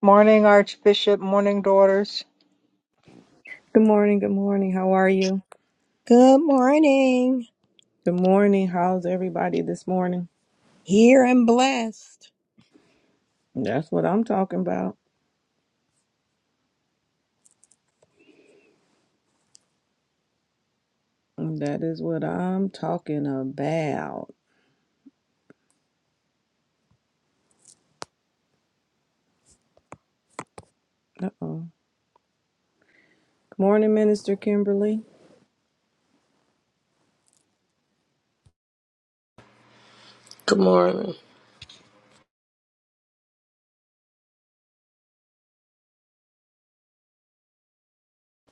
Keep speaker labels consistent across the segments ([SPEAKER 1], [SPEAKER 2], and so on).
[SPEAKER 1] Morning, Archbishop. Morning, daughters.
[SPEAKER 2] Good morning, good morning. How are you?
[SPEAKER 3] Good morning.
[SPEAKER 2] Good morning. How's everybody this morning?
[SPEAKER 3] Here and blessed.
[SPEAKER 2] That's what I'm talking about. That is what I'm talking about. Uh-oh. Good morning, Minister Kimberly.
[SPEAKER 4] Good morning.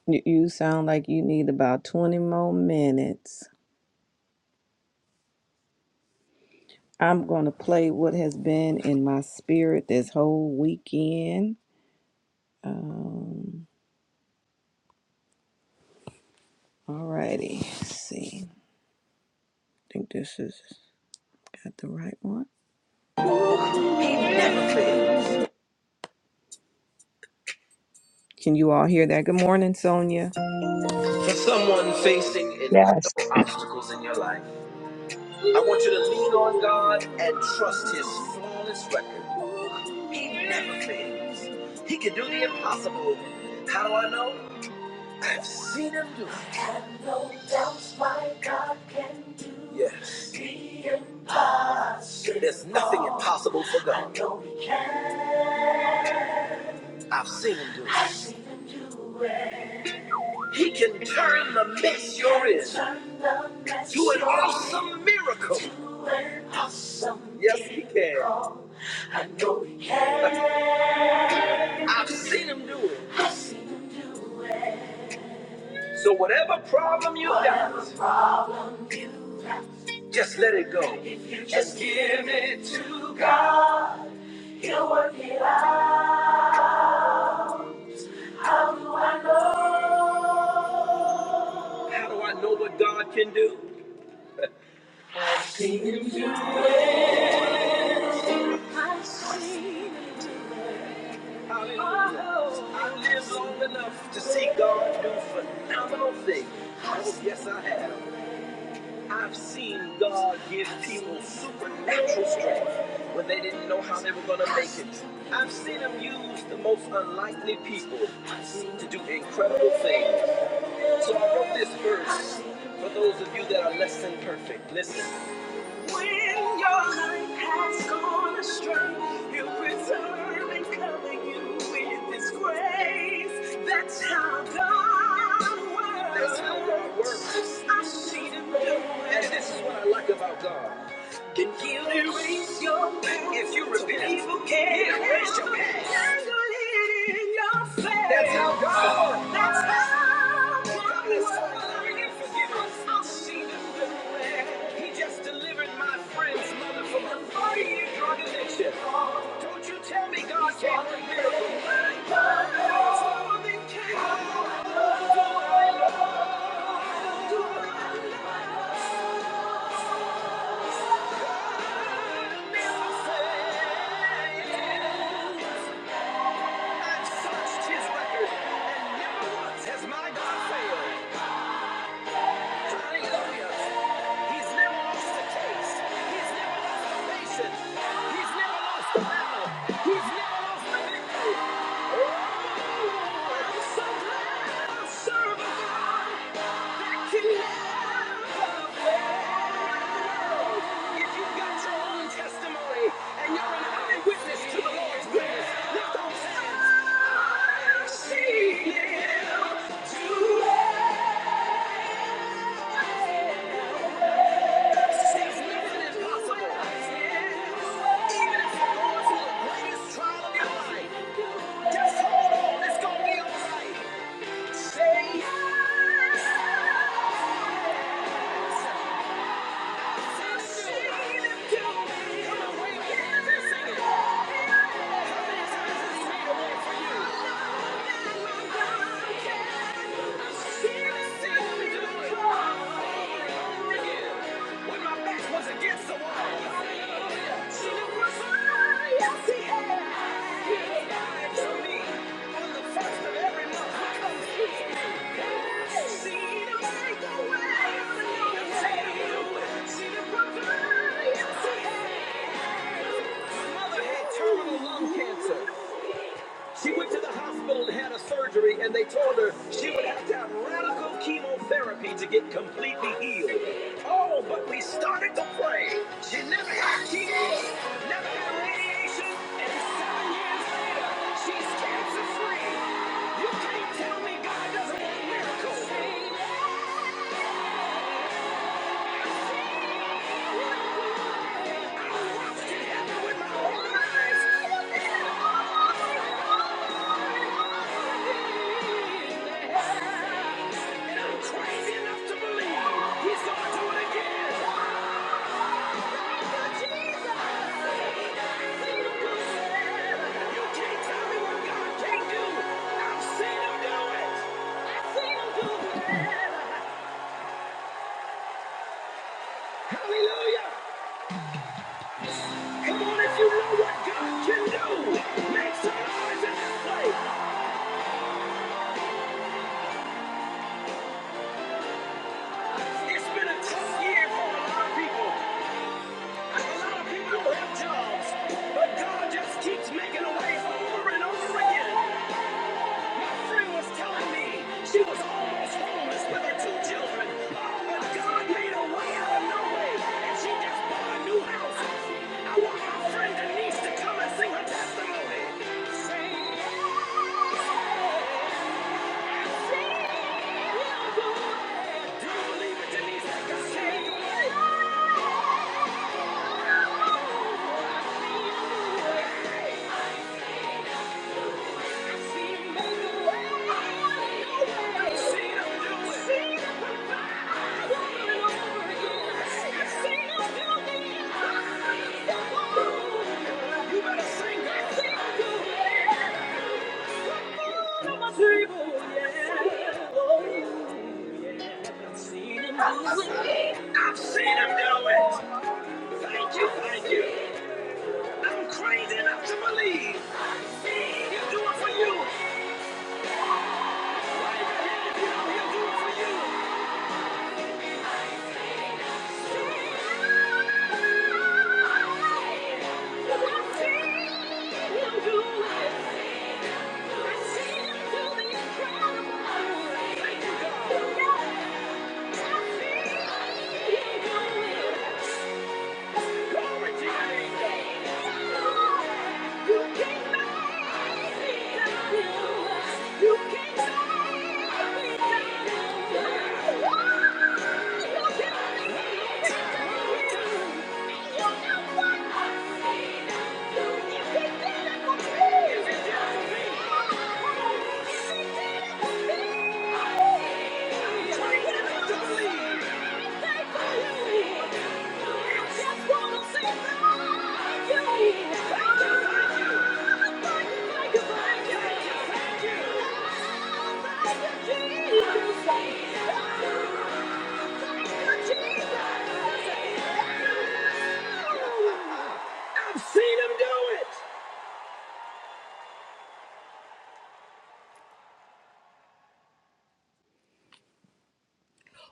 [SPEAKER 2] You you sound like you need about 20 more minutes. I'm going to play what has been in my spirit this whole weekend. Um, all righty. Let's see. I think this is got the right one. Can you all hear that? Good morning, Sonia. For someone facing incredible obstacles in your life, I want you to lean on God and trust His flawless record. He never fails. He can do the impossible. How do I know? I've seen Him do it. I have no doubts my God can do. Yes. The impossible. There's nothing impossible for God. I know He can. I've seen Him do it. I've seen Him do it. He can turn the mess you're in to an awesome miracle. Yes, he can. I've seen him do it. So whatever problem you got, just let it go. Just give it to God. He'll work it out. How do I know How do I know what God can do? Hallelujah. I lived long enough to see God do phenomenal things. Oh, yes, I have. I've seen God give people supernatural strength when they didn't know how they were going to make it. I've seen Him use the most unlikely people to do incredible things. So I wrote this verse for those of you that are less than perfect. Listen. When your life has gone astray, He'll preserve and cover you with His grace. That's how God works. That's how God works. I've seen Him do it. And this is what I like about God. Can you erase your past? If you repent, so people can yeah, erase your past. Tangle it in your face. That's how God. That's how God is loving and I'll see them through He just delivered my friend's mother from a 40-year drug addiction. Don't you tell me God can't do miracles. It's more than can do. I touched his record, and never once has my God failed. Testimony, and you're an eyewitness to the Lord's goodness. Lift those hands. I've seen Him When my back was against the wall, it was all I see. terminal lung cancer. She went to the hospital and had a surgery, and they told her she would have to have radical chemotherapy to get completely healed. Oh, but we started to pray. She never had chemo, never had radiation, and in seven years she's cancer free. Only God does not a miracles. Hallelujah! Come on, if you know what God can do, make some noise in this place. It's been a tough year for a lot of people. A lot of people have jobs, but God just keeps making a way over and over again. Free was telling me she was almost homeless with her two children. Oh, but God made a way out of no and she just bought a new house. I want my friend Denise to come and sing her testimony. Sing, sing, do it. Do you believe it, Denise? That God can I've seen him do it. Thank you, thank you. I'm crazy enough to believe he'll do it for you. I've seen him do it. I've seen him do the incredible. Thank you, God. I've seen him do it. You know what I see. Thank you, Jesus. I've seen him do it.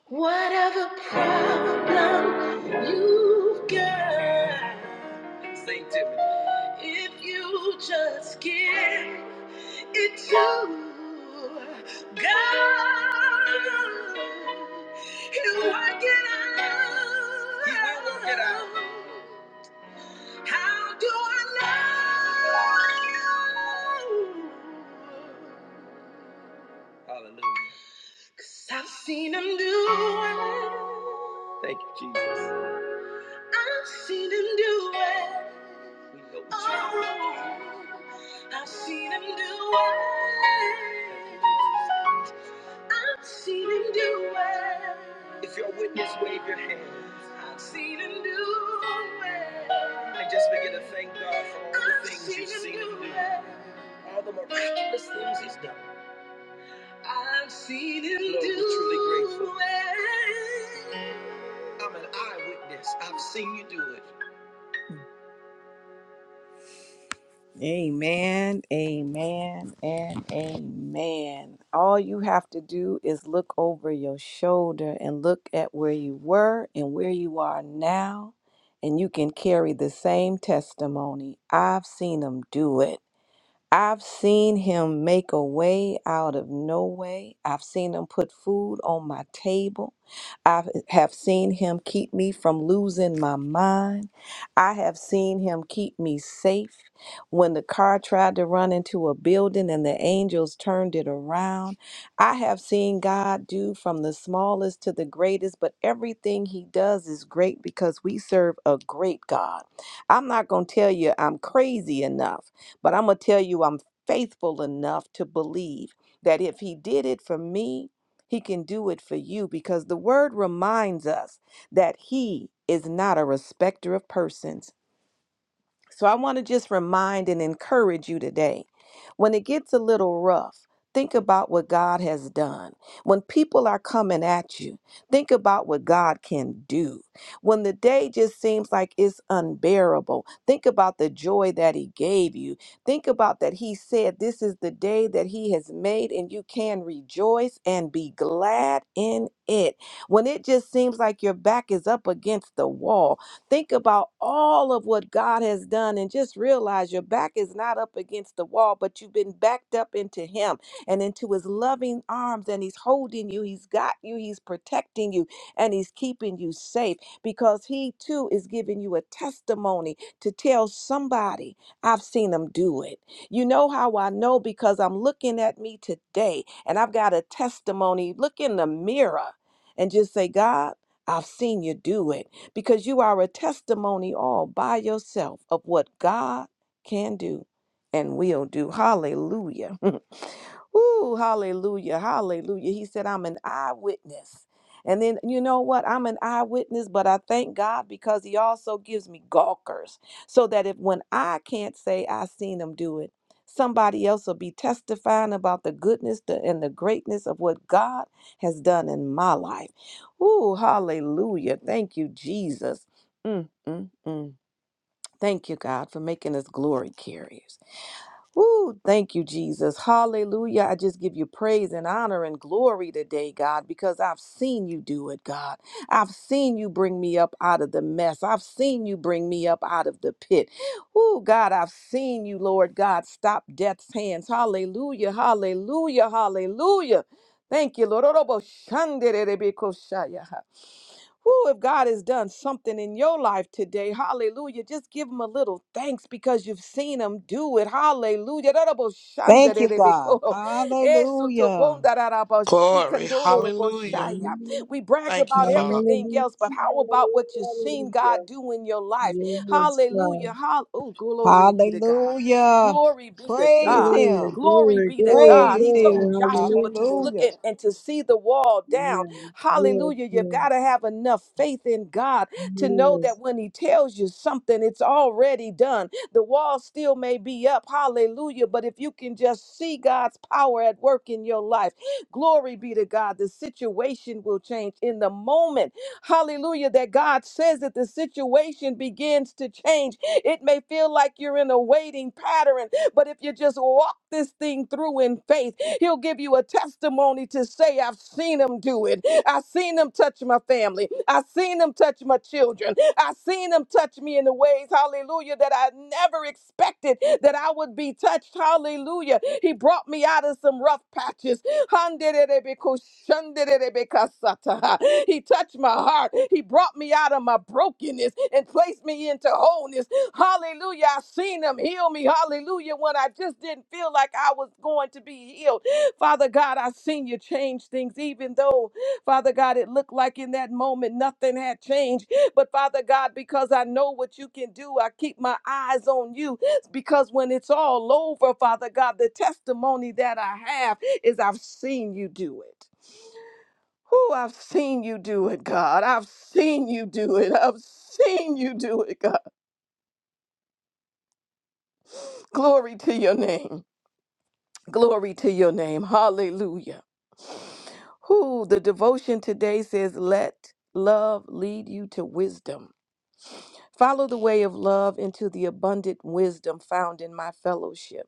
[SPEAKER 2] Whatever problem you've got, sing to me. If you just give it to God, He'll work it out. He will work it out. How do I love you? Hallelujah. 'Cause I've seen him do it. Thank you, Jesus. I've seen him do it. We know what you I've seen him do it. I've seen him do it. If you're a witness, wave your hands. I've seen him do it. And just begin to thank God for all the I've things seen you've him seen do him do. it. All the miraculous things he's done. I've seen him Lord, we're do truly grateful. it. I'm an eyewitness. I've seen you do it. Amen, amen, and amen. All you have to do is look over your shoulder and look at where you were and where you are now, and you can carry the same testimony. I've seen him do it. I've seen him make a way out of no way. I've seen him put food on my table. I have seen him keep me from losing my mind. I have seen him keep me safe. When the car tried to run into a building and the angels turned it around, I have seen God do from the smallest to the greatest, but everything he does is great because we serve a great God. I'm not going to tell you I'm crazy enough. But I'm going to tell you, I'm faithful enough to believe that if He did it for me, He can do it for you because the word reminds us that He is not a respecter of persons. So I want to just remind and encourage you today. When it gets a little rough, think about what God has done. When people are coming at you, think about what God can do. When the day just seems like it's unbearable, think about the joy that He gave you. Think about that He said, This is the day that He has made, and you can rejoice and be glad in it. When it just seems like your back is up against the wall, Think about all of what God has done and just realize your back is not up against the wall, but you've been backed up into Him and into His loving arms, and He's holding you, He's got you, He's protecting you, and He's keeping you safe because He too is giving you a testimony to tell somebody, I've seen Him do it. You know how I know because I'm looking at me today and I've got a testimony. Look in the mirror and just say, God, I've seen you do it because you are a testimony all by yourself of what God can do and will do. Hallelujah. Ooh, hallelujah, hallelujah. He said, I'm an eyewitness. And then you know what? I'm an eyewitness, but I thank God because He also gives me gawkers so that if when I can't say I seen Him do it, somebody else will be testifying about the goodness the- and the greatness of what God has done in my life. Ooh, hallelujah. Thank you, Jesus. Mm, mm, mm. Thank you, God, for making us glory carriers. Ooh, thank you, Jesus. Hallelujah. I just give you praise and honor and glory today, God, because I've seen you do it, God. I've seen you bring me up out of the mess. I've seen you bring me up out of the pit. Ooh, God, I've seen you, Lord God, stop death's hands. Hallelujah, hallelujah, hallelujah. Thank you, Lord. Orobo shandere shaya. Who, if God has done something in your life today, hallelujah, just give him a little thanks because you've seen him do it. Hallelujah.
[SPEAKER 3] Thank you, God.
[SPEAKER 2] Daraboshandarebeko.
[SPEAKER 3] Hallelujah.
[SPEAKER 4] Glory. Hallelujah.
[SPEAKER 2] Esotobondarabashikandorobosaya.
[SPEAKER 5] Hallelujah.
[SPEAKER 2] We brag
[SPEAKER 4] Thank you,
[SPEAKER 2] about
[SPEAKER 4] Father.
[SPEAKER 2] everything else, but
[SPEAKER 5] Hallelujah.
[SPEAKER 2] how about what you've seen
[SPEAKER 5] Hallelujah.
[SPEAKER 2] God do in your life?
[SPEAKER 5] Yes, God.
[SPEAKER 2] Hallelujah. Hall- oh, glory be to God.
[SPEAKER 3] Hallelujah.
[SPEAKER 2] Glory be to
[SPEAKER 3] Praise
[SPEAKER 2] God.
[SPEAKER 5] Glory,
[SPEAKER 3] Him.
[SPEAKER 2] Glory
[SPEAKER 5] glory,
[SPEAKER 2] be to
[SPEAKER 5] glory,
[SPEAKER 2] God.
[SPEAKER 3] Praise
[SPEAKER 2] He
[SPEAKER 5] glory.
[SPEAKER 2] told
[SPEAKER 3] Him.
[SPEAKER 2] Joshua to
[SPEAKER 5] Hallelujah.
[SPEAKER 2] look
[SPEAKER 3] Hallelujah.
[SPEAKER 2] and, and to see the wall down.
[SPEAKER 5] Amen. Yes,
[SPEAKER 2] Hallelujah. You've
[SPEAKER 5] yes,
[SPEAKER 2] got to have enough faith in God to know
[SPEAKER 5] yes.
[SPEAKER 2] that when He tells you something, it's already done. The wall still may be up. Hallelujah. But if you can just see God's power at work in your life, glory be to God. The situation will change in the moment. Hallelujah. That God says that the situation begins to change. It may feel like you're in a waiting pattern, but if you just walk this thing through in faith, He'll give you a testimony to say, I've seen him do it. I've seen him touch my family. I've seen him touch my children. I've seen him touch me in the ways, hallelujah, that I never expected that I would be touched. Hallelujah. He brought me out of some rough patches. Handerebekushanderebekasata. He touched my heart. He brought me out of my brokenness and placed me into wholeness. Hallelujah. I seen him heal me. Hallelujah. When I just didn't feel like I was going to be healed. Father God, I've seen you change things, even though, Father God, it looked like in that moment nothing had changed. But Father God, because I know what you can do, I keep my eyes on you. Because when it's all over, Father God, the testimony that I have is I've seen you do it. Who I've seen you do it, God. I've seen you do it. I've seen you do it, God. Glory to your name. Glory to your name. Hallelujah. Who the devotion today says, Let love lead you to wisdom. Follow the way of love into the abundant wisdom found in my fellowship.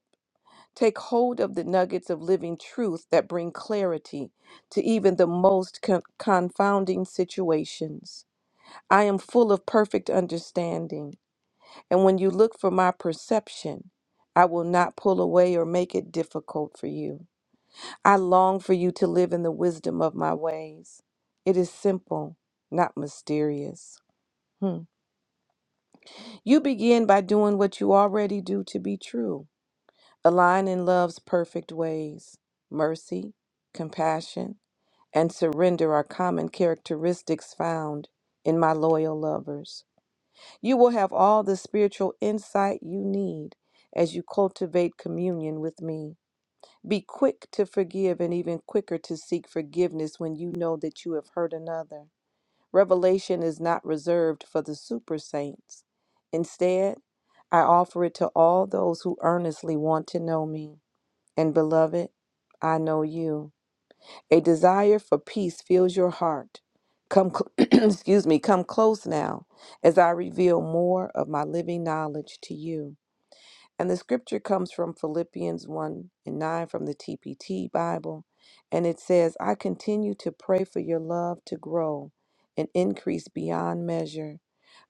[SPEAKER 2] Take hold of the nuggets of living truth that bring clarity to even the most con- confounding situations. I am full of perfect understanding, and when you look for my perception, I will not pull away or make it difficult for you. I long for you to live in the wisdom of my ways. It is simple, not mysterious. Hmm. You begin by doing what you already do to be true. Align in love's perfect ways. Mercy, compassion, and surrender are common characteristics found in my loyal lovers. You will have all the spiritual insight you need as you cultivate communion with me. Be quick to forgive and even quicker to seek forgiveness when you know that you have hurt another. Revelation is not reserved for the super saints. Instead, I offer it to all those who earnestly want to know me. And beloved, I know you. A desire for peace fills your heart. Come cl- excuse me, come close now as I reveal more of my living knowledge to you. And the scripture comes from Philippians 1 and 9 from the TPT Bible. And it says, I continue to pray for your love to grow and increase beyond measure,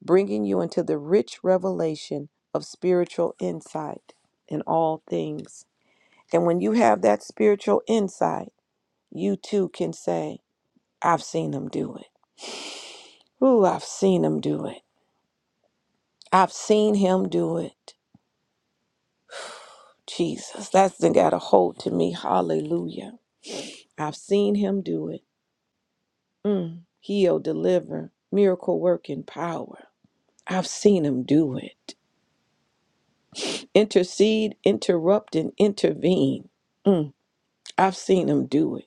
[SPEAKER 2] bringing you into the rich revelation of spiritual insight in all things. And when you have that spiritual insight, you too can say, I've seen him do it. Ooh, I've seen him do it. I've seen him do it. Jesus, that's done got a hold to me. Hallelujah. I've seen him do it. Mm. Heal, deliver, miracle working power. I've seen him do it. Intercede, interrupt, and intervene. Mm. I've seen him do it.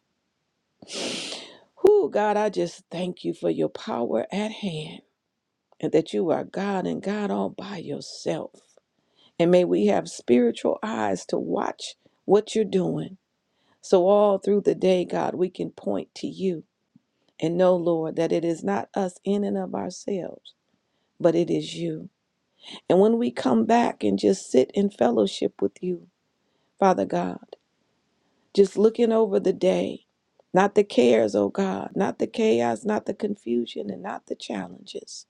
[SPEAKER 2] Whoo, God, I just thank you for your power at hand and that you are God and God all by yourself. And may we have spiritual eyes to watch what you're doing. So all through the day, God, we can point to you and know, Lord, that it is not us in and of ourselves but it is you. And when we come back and just sit in fellowship with you, Father God, just looking over the day, not the cares, oh God, not the chaos, not the confusion, and not the challenges,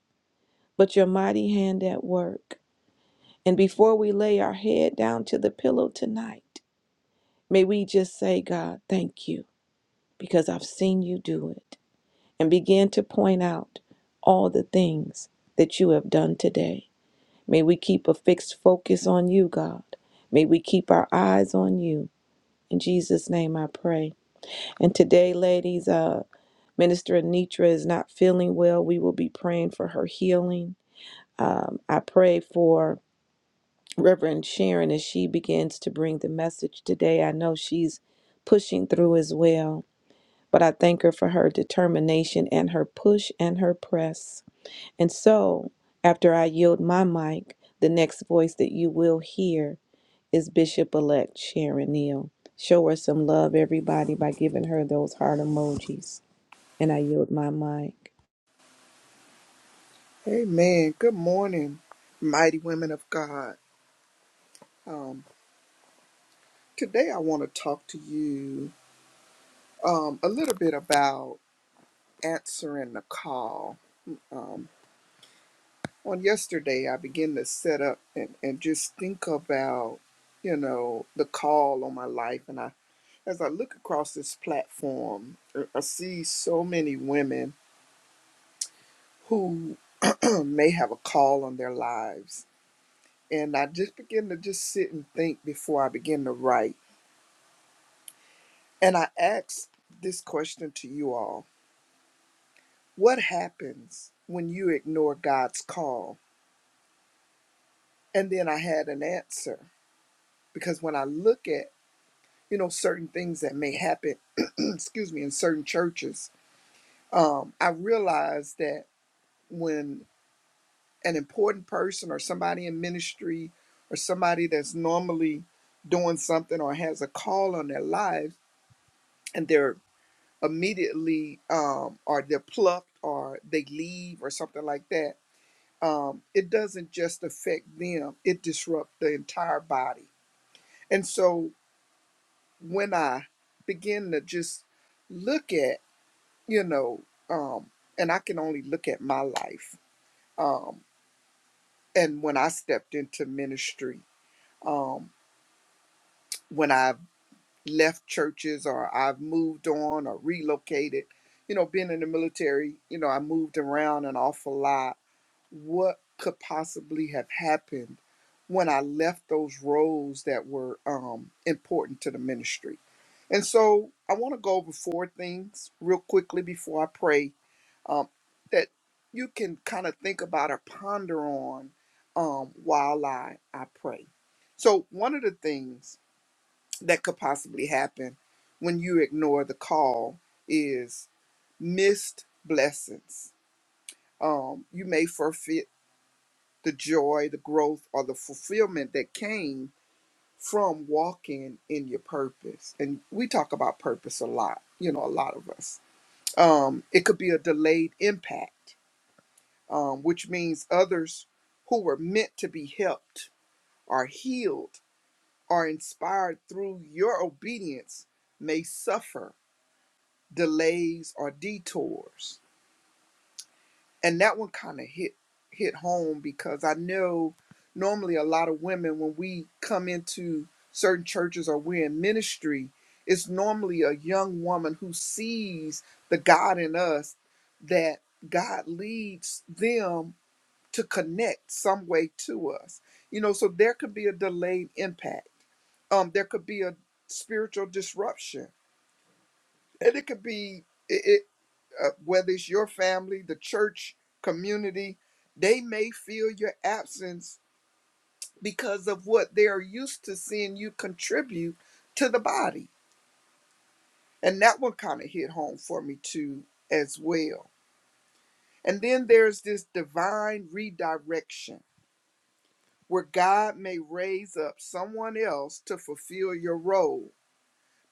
[SPEAKER 2] but your mighty hand at work. And before we lay our head down to the pillow tonight, may we just say, God, thank you, because I've seen you do it, and begin to point out all the things that you have done today. May we keep a fixed focus on you, God. May we keep our eyes on you. In Jesus' name I pray. And today, ladies, uh, Minister Anitra is not feeling well. We will be praying for her healing. Um, I pray for Reverend Sharon as she begins to bring the message today. I know she's pushing through as well, but I thank her for her determination and her push and her press. And so, after I yield my mic, the next voice that you will hear is Bishop elect Sharon Neal. Show her some love, everybody, by giving her those heart emojis. And I yield my mic.
[SPEAKER 6] Amen. Good morning, mighty women of God. Um, today I want to talk to you um, a little bit about answering the call. Um, on yesterday, I began to set up and, and just think about, you know, the call on my life. And I, as I look across this platform, I I see so many women who may have a call on their lives. And I just begin to just sit and think before I begin to write And I ask this question to you all What happens when you ignore God's call? And then I had an answer because when I look at you know certain things that may happen excuse me in certain churches um, i realize that when an important person or somebody in ministry or somebody that's normally doing something or has a call on their lives and they're immediately um, or they're plucked or they leave or something like that um, it doesn't just affect them, it disrupts the entire body. And so when I begin to just look at, you know, um, and I can only look at my life. Um, and when I stepped into ministry, um, when I've left churches or I've moved on or relocated, you know, being in the military, you know, I moved around an awful lot what could possibly have happened when I left those roles that were um, important to the ministry. And so I want to go over four things real quickly before I pray um, that you can kind of think about or ponder on um, while I, I pray. So, one of the things that could possibly happen when you ignore the call is missed blessings. Um, you may forfeit the joy, the growth, or the fulfillment that came from walking in your purpose. And we talk about purpose a lot, you know, a lot of us. Um, it could be a delayed impact, um, which means others who were meant to be helped or healed or inspired through your obedience may suffer delays or detours and that one kind of hit hit home because I know normally a lot of women when we come into certain churches or we're in ministry, it's normally a young woman who sees the God in us that God leads them to connect some way to us. You know, so there could be a delayed impact. Um, there could be a spiritual disruption and it could be it, it uh, whether it's your family, the church community, they may feel your absence because of what they are used to seeing you contribute to the body. And that one kind of hit home for me too, as well. And then there's this divine redirection where God may raise up someone else to fulfill your role,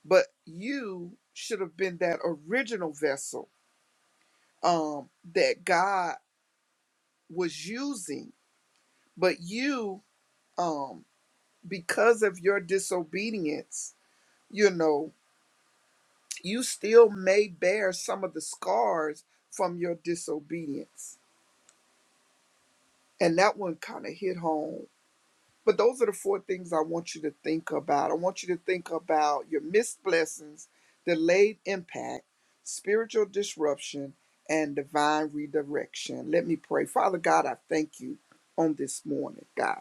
[SPEAKER 6] but you should have been that original vessel um, that God was using but you um because of your disobedience you know you still may bear some of the scars from your disobedience and that one kind of hit home but those are the four things i want you to think about i want you to think about your missed blessings delayed impact spiritual disruption and divine redirection let me pray father god i thank you on this morning god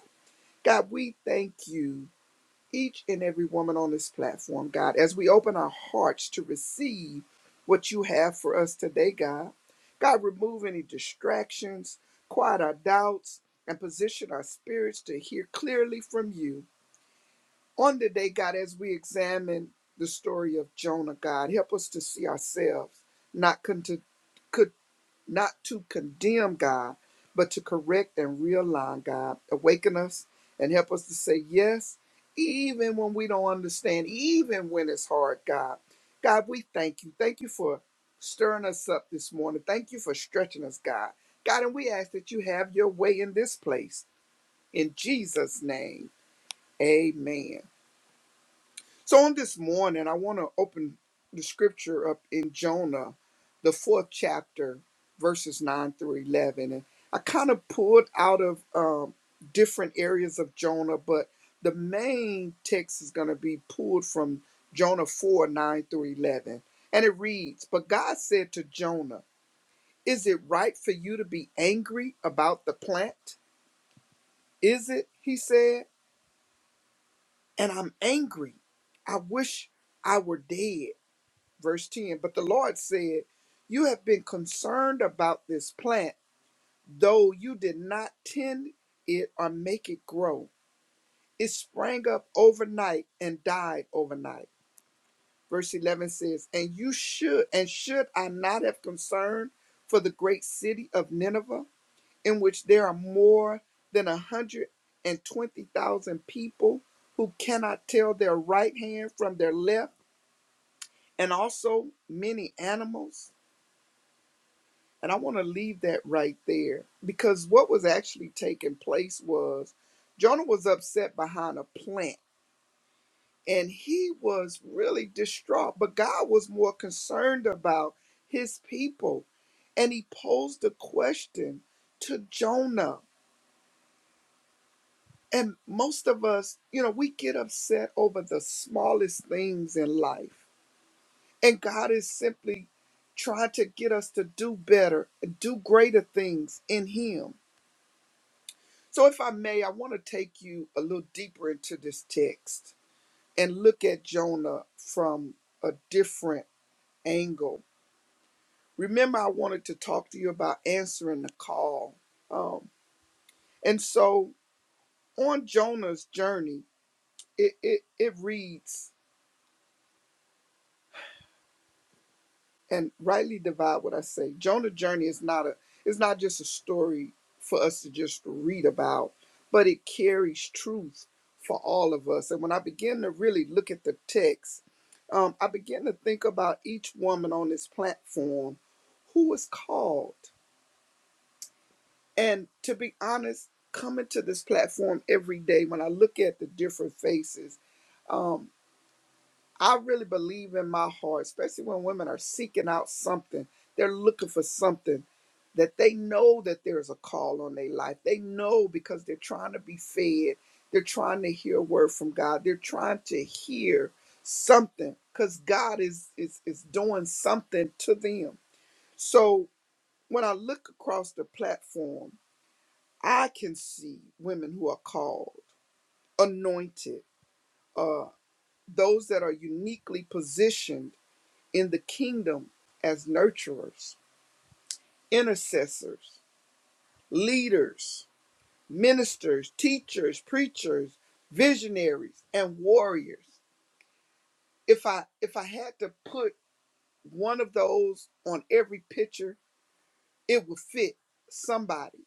[SPEAKER 6] god we thank you each and every woman on this platform, God, as we open our hearts to receive what you have for us today, God. God, remove any distractions, quiet our doubts, and position our spirits to hear clearly from you. On today, God, as we examine the story of Jonah, God, help us to see ourselves, not con- not to condemn God, but to correct and realign God. Awaken us and help us to say yes, even when we don't understand, even when it's hard, God. God, we thank you. Thank you for stirring us up this morning. Thank you for stretching us, God. God, and we ask that you have your way in this place. In Jesus' name, amen. So on this morning, I want to open the scripture up in Jonah, the fourth chapter, verses 9 through 11. And I kind of pulled out of um, different areas of Jonah, but the main text is going to be pulled from Jonah 4 9 through 11. And it reads But God said to Jonah, Is it right for you to be angry about the plant? Is it? He said, And I'm angry. I wish I were dead verse 10 but the lord said you have been concerned about this plant though you did not tend it or make it grow it sprang up overnight and died overnight verse 11 says and you should and should i not have concern for the great city of nineveh in which there are more than a hundred and twenty thousand people who cannot tell their right hand from their left and also many animals And I want to leave that right there because what was actually taking place was Jonah was upset behind a plant and he was really distraught, but God was more concerned about his people. And he posed a question to Jonah. And most of us, you know, we get upset over the smallest things in life. And God is simply trying to get us to do better, do greater things in him. So, if I may, I want to take you a little deeper into this text and look at Jonah from a different angle. Remember, I wanted to talk to you about answering the call. Um, and so, on Jonah's journey, it, it, it reads and rightly divide what I say. Jonah journey is not a it's not just a story for us to just read about, but it carries truth for all of us. And when I begin to really look at the text, um, I begin to think about each woman on this platform who was called. And to be honest, coming to this platform every day, when I look at the different faces. um, I really believe in my heart, especially when women are seeking out something, they're looking for something that they know that there's a call on their life. They know because they're trying to be fed, they're trying to hear a word from God, they're trying to hear something because God is, is is doing something to them. So when I look across the platform, I can see women who are called, anointed, uh, those that are uniquely positioned in the kingdom as nurturers, intercessors, leaders, ministers, teachers, preachers, visionaries, and warriors. If I if I had to put one of those on every picture, it would fit somebody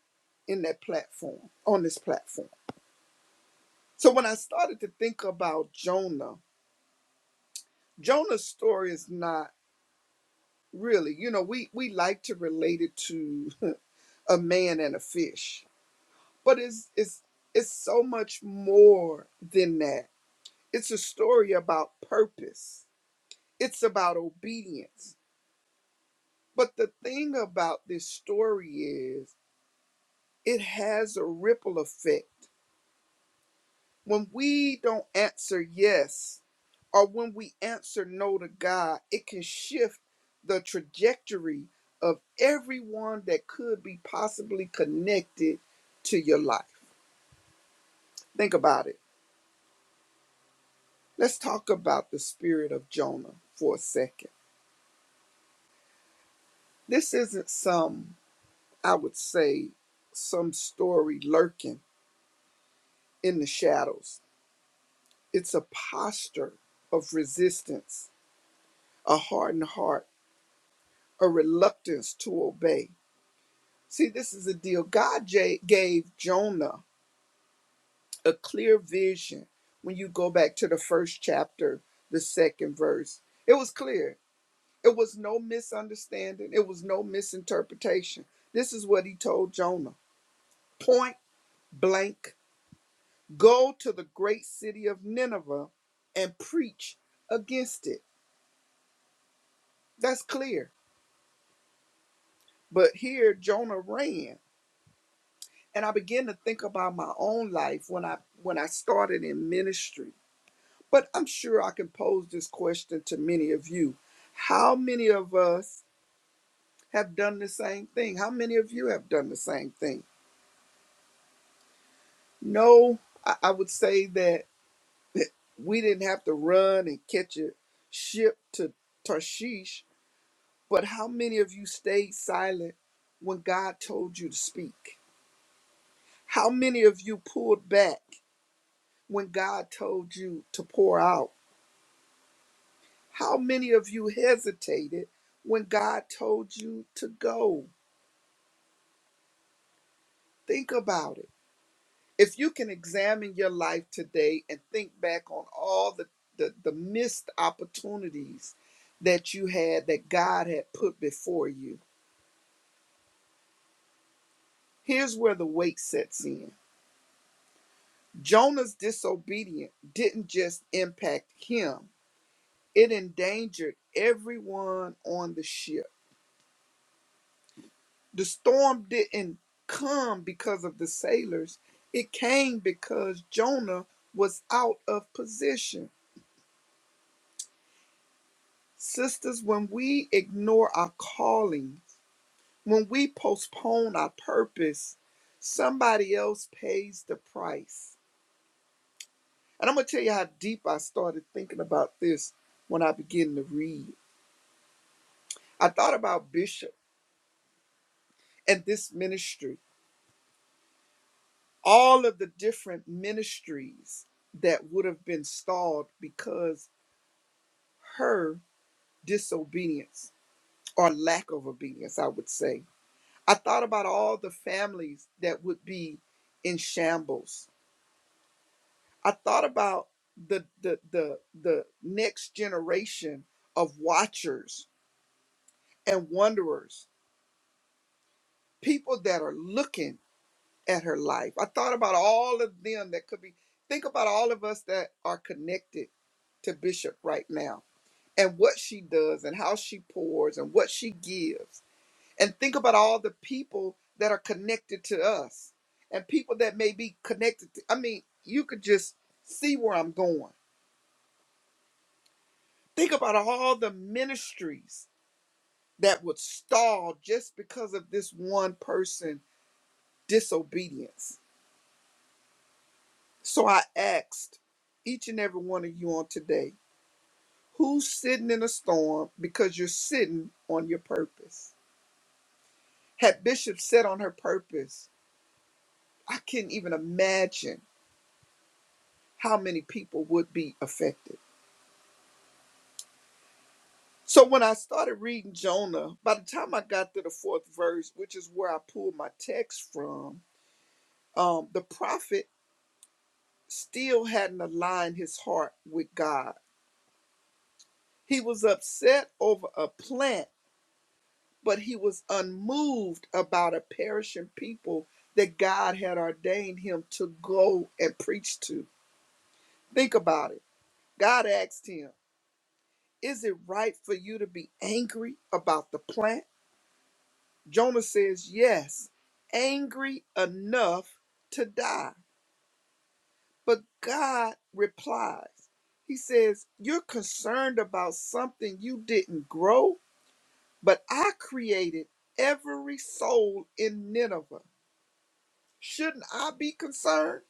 [SPEAKER 6] in that platform, on this platform. So when I started to think about Jonah, Jonah's story is not really, you know, we we like to relate it to a man and a fish but it's it's it's so much more than that it's a story about purpose it's about obedience but the thing about this story is it has a ripple effect when we don't answer yes or when we answer no to god it can shift the trajectory of everyone that could be possibly connected to your life think about it Let's talk about the spirit of Jonah for a second. This isn't some, I would say, some story lurking in the shadows. It's a posture of resistance, a hardened heart, a reluctance to obey. See, this is the deal. God ja- gave Jonah a clear vision when you go back to the first chapter, the second verse. It was clear It was no misunderstanding, it was no misinterpretation. This is what he told Jonah point blank go to the great city of Nineveh and preach against it. That's clear. But here Jonah ran. And I began to think about my own life when I when I started in ministry. But I'm sure I can pose this question to many of you. How many of us have done the same thing? How many of you have done the same thing? No, I, I would say that we didn't have to run and catch a ship to Tarshish, but how many of you stayed silent when God told you to speak? How many of you pulled back when God told you to pour out? How many of you hesitated when God told you to go? Think about it. if you can examine your life today and think back on all the, the, the missed opportunities that you had that God had put before you, here's where the weight sets in. Jonah's disobedience didn't just impact him, it endangered everyone on the ship. The storm didn't come because of the sailors, it came because Jonah was out of position. Sisters, when we ignore our calling, when we postpone our purpose, somebody else pays the price. And I'm going to tell you how deep I started thinking about this when I began to read. I thought about Bishop and this ministry, all of the different ministries that would have been stalled because her disobedience or lack of obedience, I would say. I thought about all the families that would be in shambles. I thought about the the the the next generation of watchers and wanderers, people that are looking at her life. I thought about all of them that could be think about all of us that are connected to Bishop right now and what she does and how she pours and what she gives. And think about all the people that are connected to us and people that may be connected. To, I mean, you could just see where I'm going. Think about all the ministries that would stall just because of this one person disobedience. So I asked each and every one of you on today, who's sitting in a storm because you're sitting on your purpose? Had Bishop sat on her purpose, I can't even imagine how many people would be affected. So when I started reading Jonah, by the time I got to the fourth verse, which is where I pulled my text from, um, the prophet still hadn't aligned his heart with God. He was upset over a plant, but he was unmoved about a perishing people that God had ordained him to go and preach to. Think about it. God asked him, Is it right for you to be angry about the plant? Jonah says, Yes, angry enough to die. But God replies, He says, You're concerned about something you didn't grow, but I created every soul in Nineveh. Shouldn't I be concerned?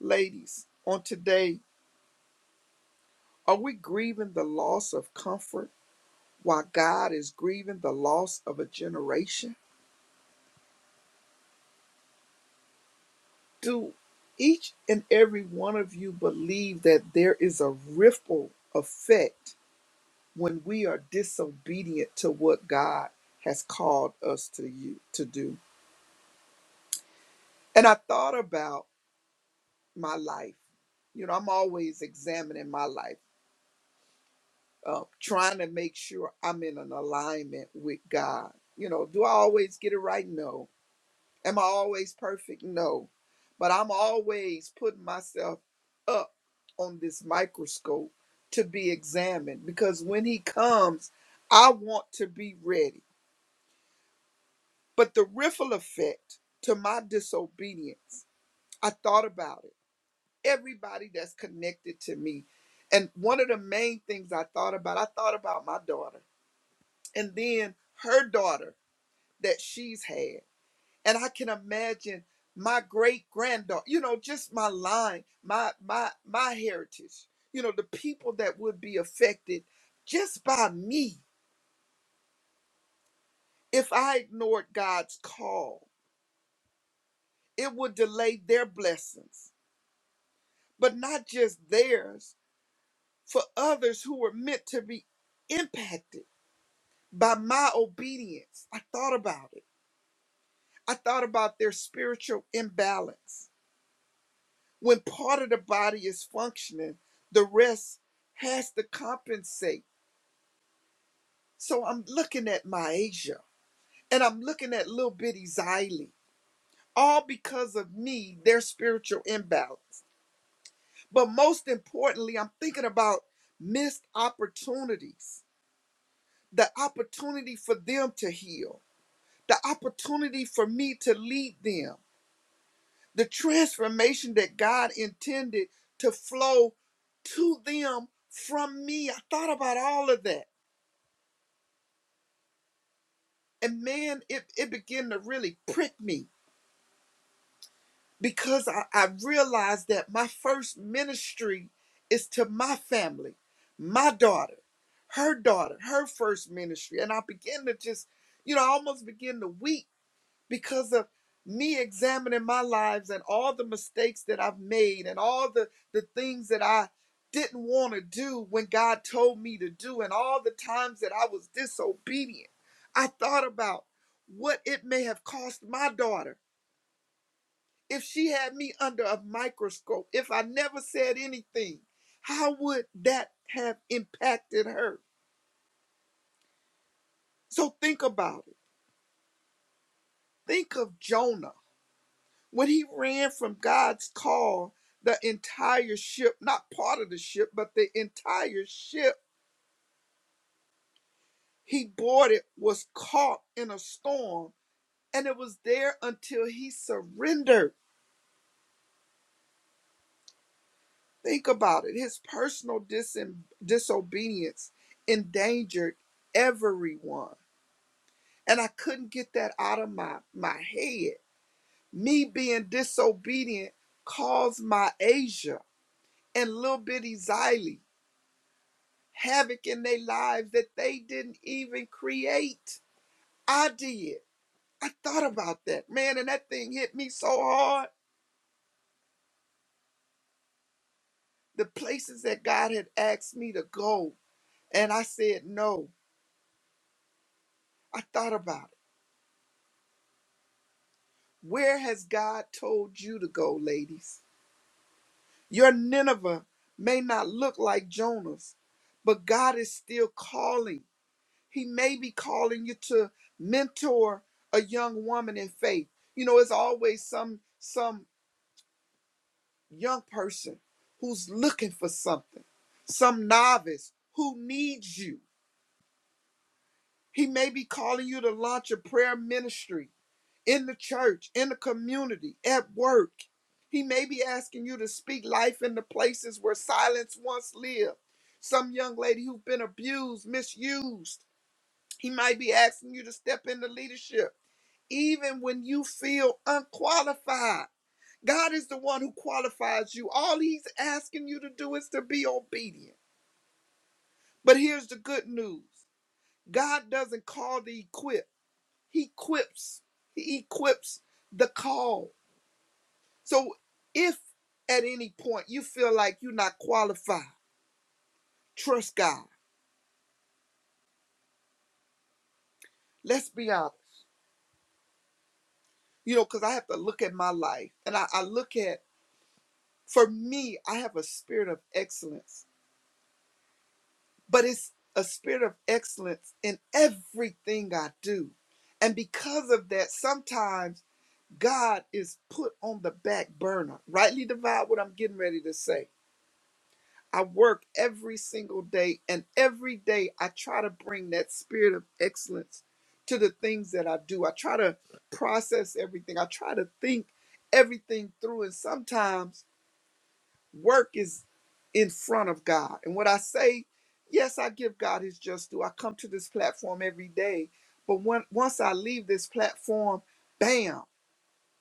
[SPEAKER 6] Ladies, on today, are we grieving the loss of comfort while God is grieving the loss of a generation? do each and every one of you believe that there is a ripple effect when we are disobedient to what God has called us to you to do? And I thought about my life. You know, I'm always examining my life, uh, trying to make sure I'm in an alignment with God. You know, do I always get it right? No Am I always perfect? No. But I'm always putting myself up on this microscope to be examined because when he comes, I want to be ready. But the riffle effect to my disobedience, I thought about it. Everybody that's connected to me. And one of the main things I thought about, I thought about my daughter and then her daughter that she's had. and I can imagine my great granddaughter, you know, just my line, my my my heritage, you know, the people that would be affected just by me if I ignored God's call. It would delay their blessings, but not just theirs, for others who were meant to be impacted by my obedience. I thought about it. I thought about their spiritual imbalance. When part of the body is functioning, the rest has to compensate. So I'm looking at Myasia and I'm looking at little bitty Xylee, all because of me, their spiritual imbalance. But most importantly, I'm thinking about missed opportunities, the opportunity for them to heal, the opportunity for me to lead them the transformation that God intended to flow to them from me. I thought about all of that. And man, it, it began to really prick me because I, I realized that my first ministry is to my family, my daughter, her daughter, her first ministry. And I began to just, you know, I almost begin to weep because of me examining my lives and all the mistakes that I've made and all the, the things that I didn't want to do when God told me to do, and all the times that I was disobedient. I thought about what it may have cost my daughter if she had me under a microscope, if I never said anything. How would that have impacted her? So think about it. Think of Jonah When he ran from God's call, the entire ship, not part of the ship, but the entire ship he boarded was caught in a storm and it was there until he surrendered. Think about it. His personal disin disobedience endangered everyone. And I couldn't get that out of my, my head. Me being disobedient caused my Asia and little bitty Xylee havoc in their lives that they didn't even create. I did. I thought about that, man, and that thing hit me so hard. The places that God had asked me to go, and I said no. I thought about it. Where has God told you to go, ladies? Your Nineveh may not look like Jonah's, but God is still calling. He may be calling you to mentor a young woman in faith. You know, it's always some some young person who's looking for something, some novice who needs you. He may be calling you to launch a prayer ministry in the church, in the community, at work. He may be asking you to speak life in the places where silence once lived. Some young lady who's been abused, misused. He might be asking you to step into leadership, even when you feel unqualified. God is the one who qualifies you. All he's asking you to do is to be obedient. But here's the good news God doesn't call the equip, he equips. He equips the call. So if at any point you feel like you're not qualified, trust God. Let's be honest. You know, because I have to look at my life and I, I look at, for me, I have a spirit of excellence but it's a spirit of excellence in everything I do. And because of that, sometimes God is put on the back burner. Rightly divide what I'm getting ready to say. I work every single day, and every day I try to bring that spirit of excellence to the things that I do. I try to process everything, I try to think everything through, and sometimes work is in front of God. And what I say, yes, I give God his just due. I come to this platform every day. But when, once I leave this platform, bam,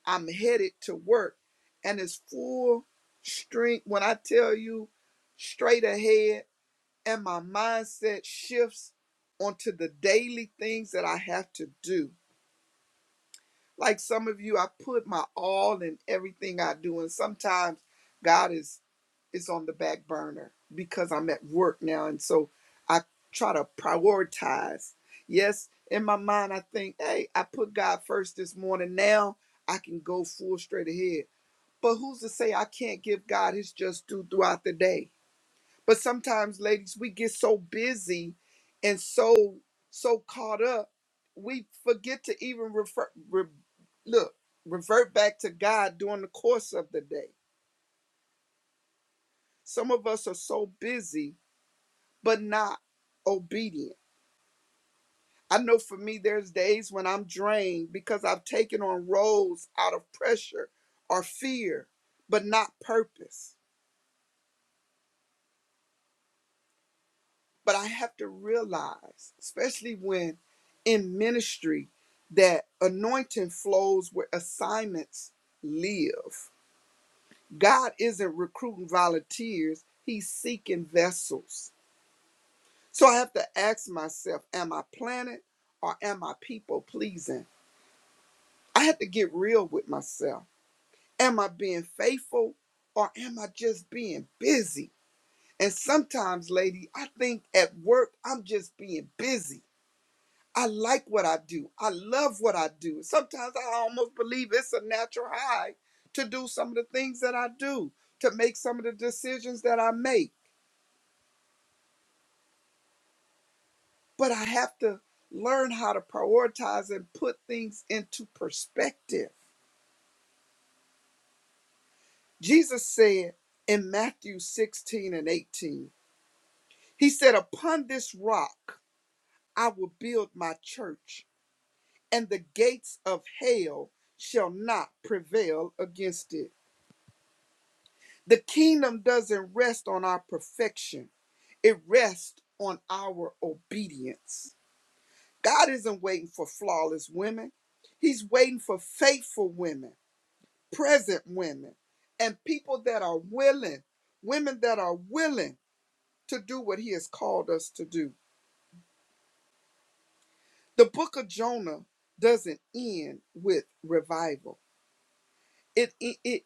[SPEAKER 6] I'm headed to work. And it's full strength. When I tell you straight ahead, and my mindset shifts onto the daily things that I have to do. Like some of you, I put my all in everything I do. And sometimes God is is on the back burner because I'm at work now. And so I try to prioritize. Yes, in my mind, I think, hey, I put God first this morning. Now I can go full straight ahead. But who's to say I can't give God his just due throughout the day? But sometimes, ladies, we get so busy and so, so caught up, we forget to even refer, re, look, revert back to God during the course of the day. Some of us are so busy but not obedient. I know for me, there's days when I'm drained because I've taken on roles out of pressure or fear, but not purpose. But I have to realize, especially when in ministry, that anointing flows where assignments live. God isn't recruiting volunteers, He's seeking vessels. So I have to ask myself, am I planet or am I people pleasing? I had to get real with myself. Am I being faithful or am I just being busy? And sometimes, lady, I think at work I'm just being busy. I like what I do. I love what I do. Sometimes I almost believe it's a natural high to do some of the things that I do, to make some of the decisions that I make. But I have to learn how to prioritize and put things into perspective. Jesus said in Matthew 16 and 18, He said, Upon this rock I will build my church, and the gates of hell shall not prevail against it. The kingdom doesn't rest on our perfection, it rests on our obedience. God isn't waiting for flawless women, He's waiting for faithful women, present women, and people that are willing, women that are willing to do what He has called us to do. The book of Jonah doesn't end with revival. It, it, it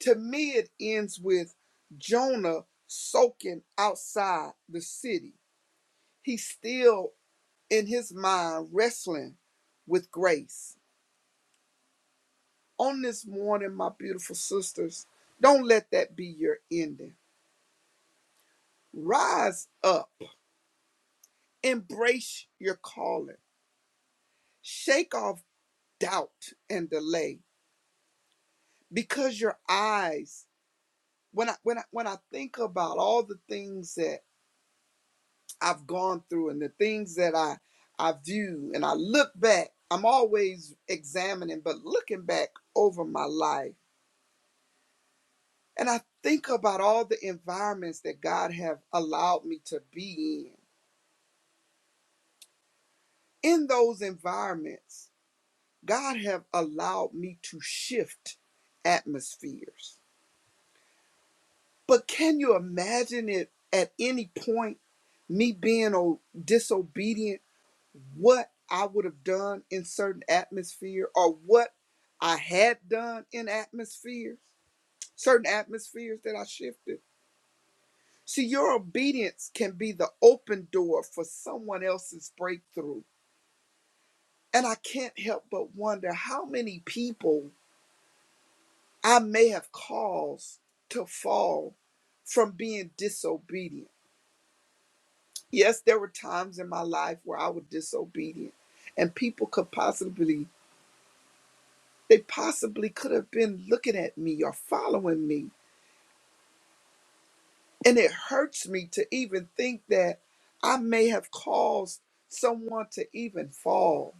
[SPEAKER 6] to me it ends with Jonah soaking outside the city. He's still in his mind wrestling with grace. On this morning, my beautiful sisters, don't let that be your ending. Rise up, embrace your calling, shake off doubt and delay because your eyes when I when I when I think about all the things that I've gone through and the things that I I view and I look back, I'm always examining, but looking back over my life, and I think about all the environments that God have allowed me to be in. In those environments, God have allowed me to shift atmospheres. But can you imagine it at any point me being o- disobedient? what I would have done in certain atmosphere or what I had done in atmosphere, certain atmospheres that I shifted. See, your obedience can be the open door for someone else's breakthrough. And I can't help but wonder how many people I may have caused to fall from being disobedient. Yes, there were times in my life where I was disobedient, and people could possibly they possibly could have been looking at me or following me. And it hurts me to even think that I may have caused someone to even fall.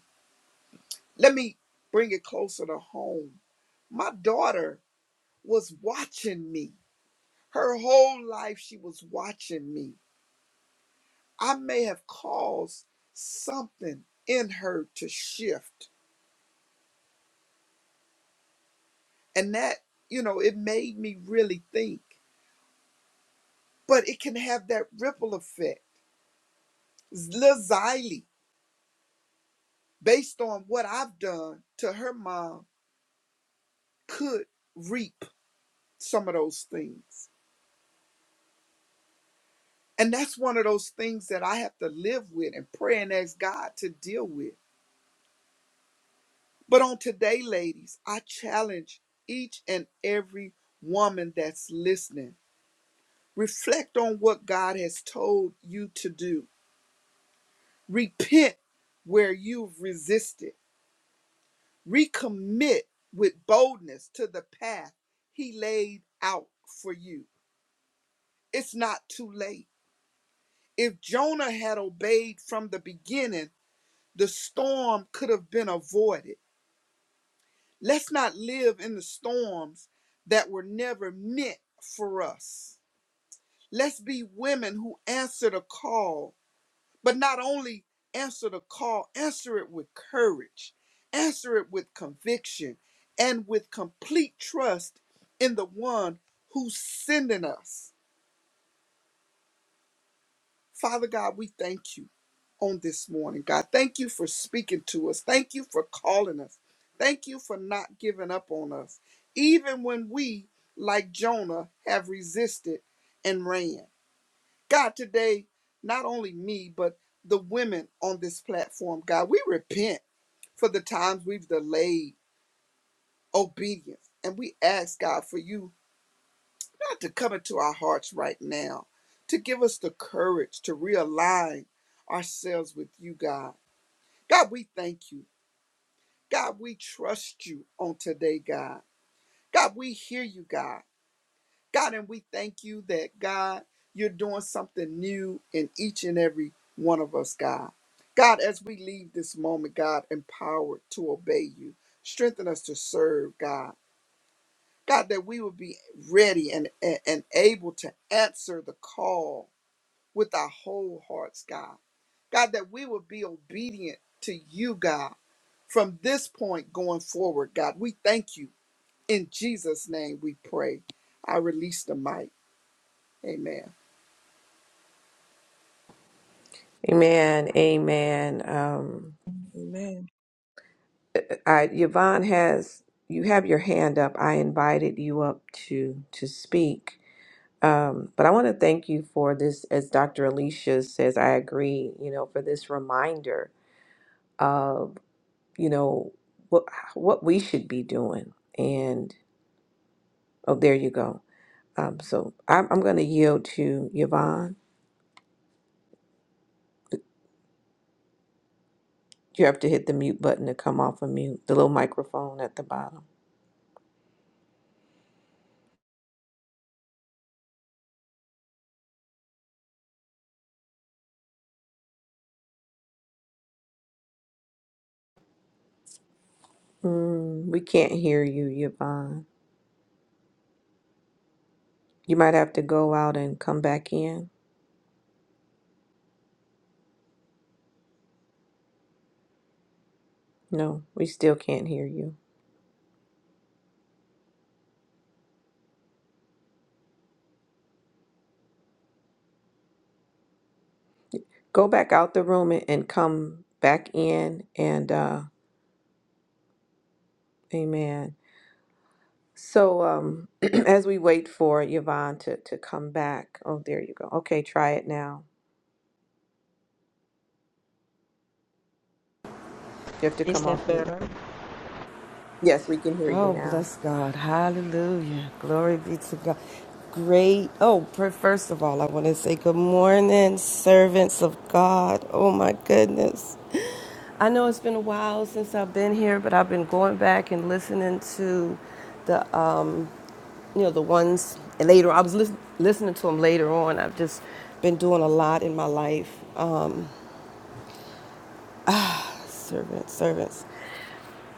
[SPEAKER 6] Let me bring it closer to home. My daughter was watching me. Her whole life, she was watching me. I may have caused something in her to shift. And that, you know, it made me really think. But it can have that ripple effect. Little Xylee. based on what I've done to her mom, could reap some of those things. And that's one of those things that I have to live with and pray and ask God to deal with. But on today, ladies, I challenge each and every woman that's listening reflect on what God has told you to do, repent where you've resisted, recommit with boldness to the path He laid out for you It's not too late. If Jonah had obeyed from the beginning, the storm could have been avoided. Let's not live in the storms that were never meant for us. Let's be women who answer the call, but not only answer the call, answer it with courage, answer it with conviction, and with complete trust in the one who's sending us. Father God, we thank you on this morning, God. Thank you for speaking to us. Thank you for calling us. Thank you for not giving up on us, even when we, like Jonah, have resisted and ran. God, today, not only me, but the women on this platform, God, we repent for the times we've delayed obedience. And we ask, God, for you God to come into our hearts right now, to give us the courage to realign ourselves with you, God. God, we thank you. God, we trust you on today, God. God, we hear you, God. God, and we thank you that, God, you're doing something new in each and every one of us, God. God, as we leave this moment, God, empowered to obey you, strengthen us to serve, God. God, that we will be ready and, and, and able to answer the call with our whole hearts, God. God, that we will be obedient to you, God, from this point going forward, God. We thank you. In Jesus' name we pray. I release the mic. Amen.
[SPEAKER 2] Amen. Amen. Um,
[SPEAKER 5] Amen.
[SPEAKER 2] I, Yvonne has you have your hand up. I invited you up to to speak. Um, but I want to thank you for this, as Dr. Alicia says. I agree. You know, for this reminder of you know what what we should be doing. And oh, there you go. Um, so I'm, I'm going to yield to Yvonne. You have to hit the mute button to come off of mute, the little microphone at the bottom. Mm, we can't hear you, Yvonne. You might have to go out and come back in. No, we still can't hear you. Go back out the room and, and come back in. And uh, amen. So um, as we wait for Yvonne to, to come back, oh, there you go. Okay, try it now. You have to
[SPEAKER 7] Is
[SPEAKER 2] come off
[SPEAKER 7] that
[SPEAKER 2] mute.
[SPEAKER 7] better?
[SPEAKER 2] Yes, we can hear you
[SPEAKER 7] Oh,
[SPEAKER 2] now.
[SPEAKER 7] bless God. Hallelujah. Glory be to God. Great. Oh, first of all, I want to say good morning, servants of God. Oh, my goodness. I know it's been a while since I've been here, but I've been going back and listening to the, um, you know, the ones later. I was lis- listening to them later on. I've just been doing a lot in my life. Um, servants, servants.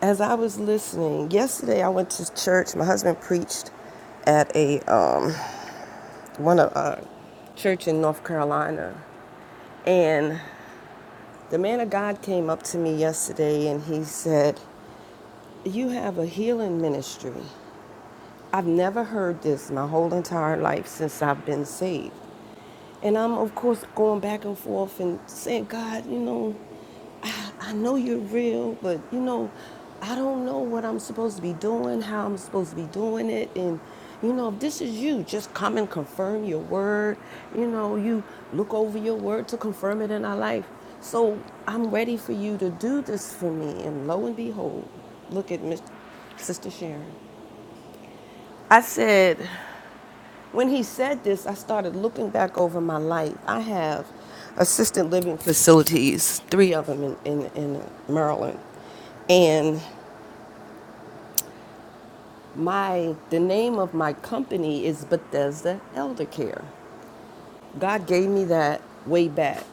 [SPEAKER 7] As I was listening yesterday, I went to church. My husband preached at a um, one of uh, church in North Carolina, and the man of God came up to me yesterday, and he said, "You have a healing ministry." I've never heard this my whole entire life since I've been saved. And I'm, of course, going back and forth and saying, God, you know, I, I know you're real, but, you know, I don't know what I'm supposed to be doing, how I'm supposed to be doing it. And, you know, if this is you, just come and confirm your word. You know, you look over your word to confirm it in our life. So I'm ready for you to do this for me. And lo and behold, look at Miss, Sister Sharon. I said, when he said this, I started looking back over my life. I have assisted living facilities, three of them in, in, in Maryland. And my the name of my company is Bethesda Elder Care. God gave me that way back.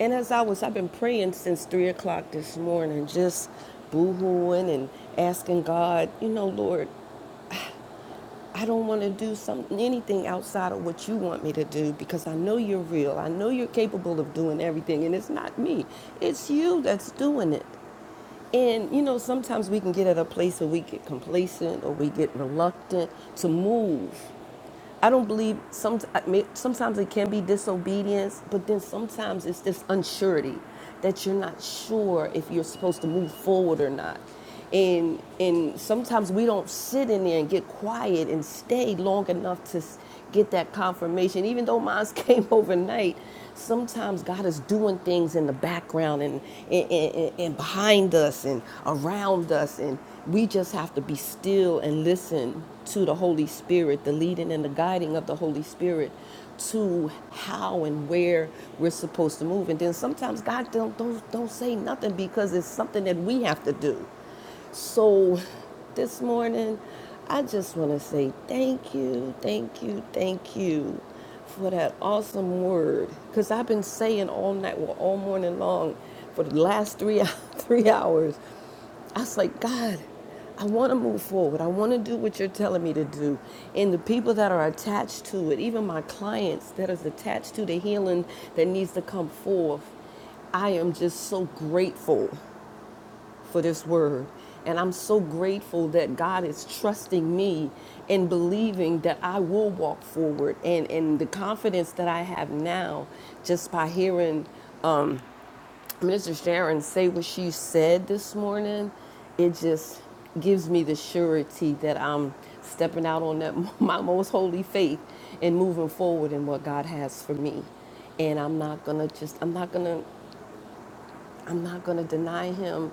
[SPEAKER 7] And as I was, I've been praying since three o'clock this morning, just boo-hooing and asking God, you know, Lord, I don't want to do something, anything outside of what you want me to do because I know you're real. I know you're capable of doing everything, and it's not me. It's you that's doing it. And you know, sometimes we can get at a place where we get complacent or we get reluctant to move I don't believe some. I mean, sometimes it can be disobedience, but then sometimes it's this unsurety that you're not sure if you're supposed to move forward or not. And and sometimes we don't sit in there and get quiet and stay long enough to s- get that confirmation. Even though mine came overnight, sometimes God is doing things in the background and, and, and, and behind us and around us. And we just have to be still and listen to the Holy Spirit, the leading and the guiding of the Holy Spirit to how and where we're supposed to move. And then sometimes God don't, don't, don't say nothing because it's something that we have to do. So this morning, I just want to say thank you, thank you, thank you for that awesome word. Because I've been saying all night, well, all morning long for the last three, three hours, I was like, God, I want to move forward. I want to do what you're telling me to do. And the people that are attached to it, even my clients that is attached to the healing that needs to come forth, I am just so grateful for this word. And I'm so grateful that God is trusting me and believing that I will walk forward. And, and the confidence that I have now just by hearing um, Mr. Sharon say what she said this morning, it just gives me the surety that I'm stepping out on that, my most holy faith and moving forward in what God has for me and I'm not gonna just I'm not gonna I'm not going to deny him.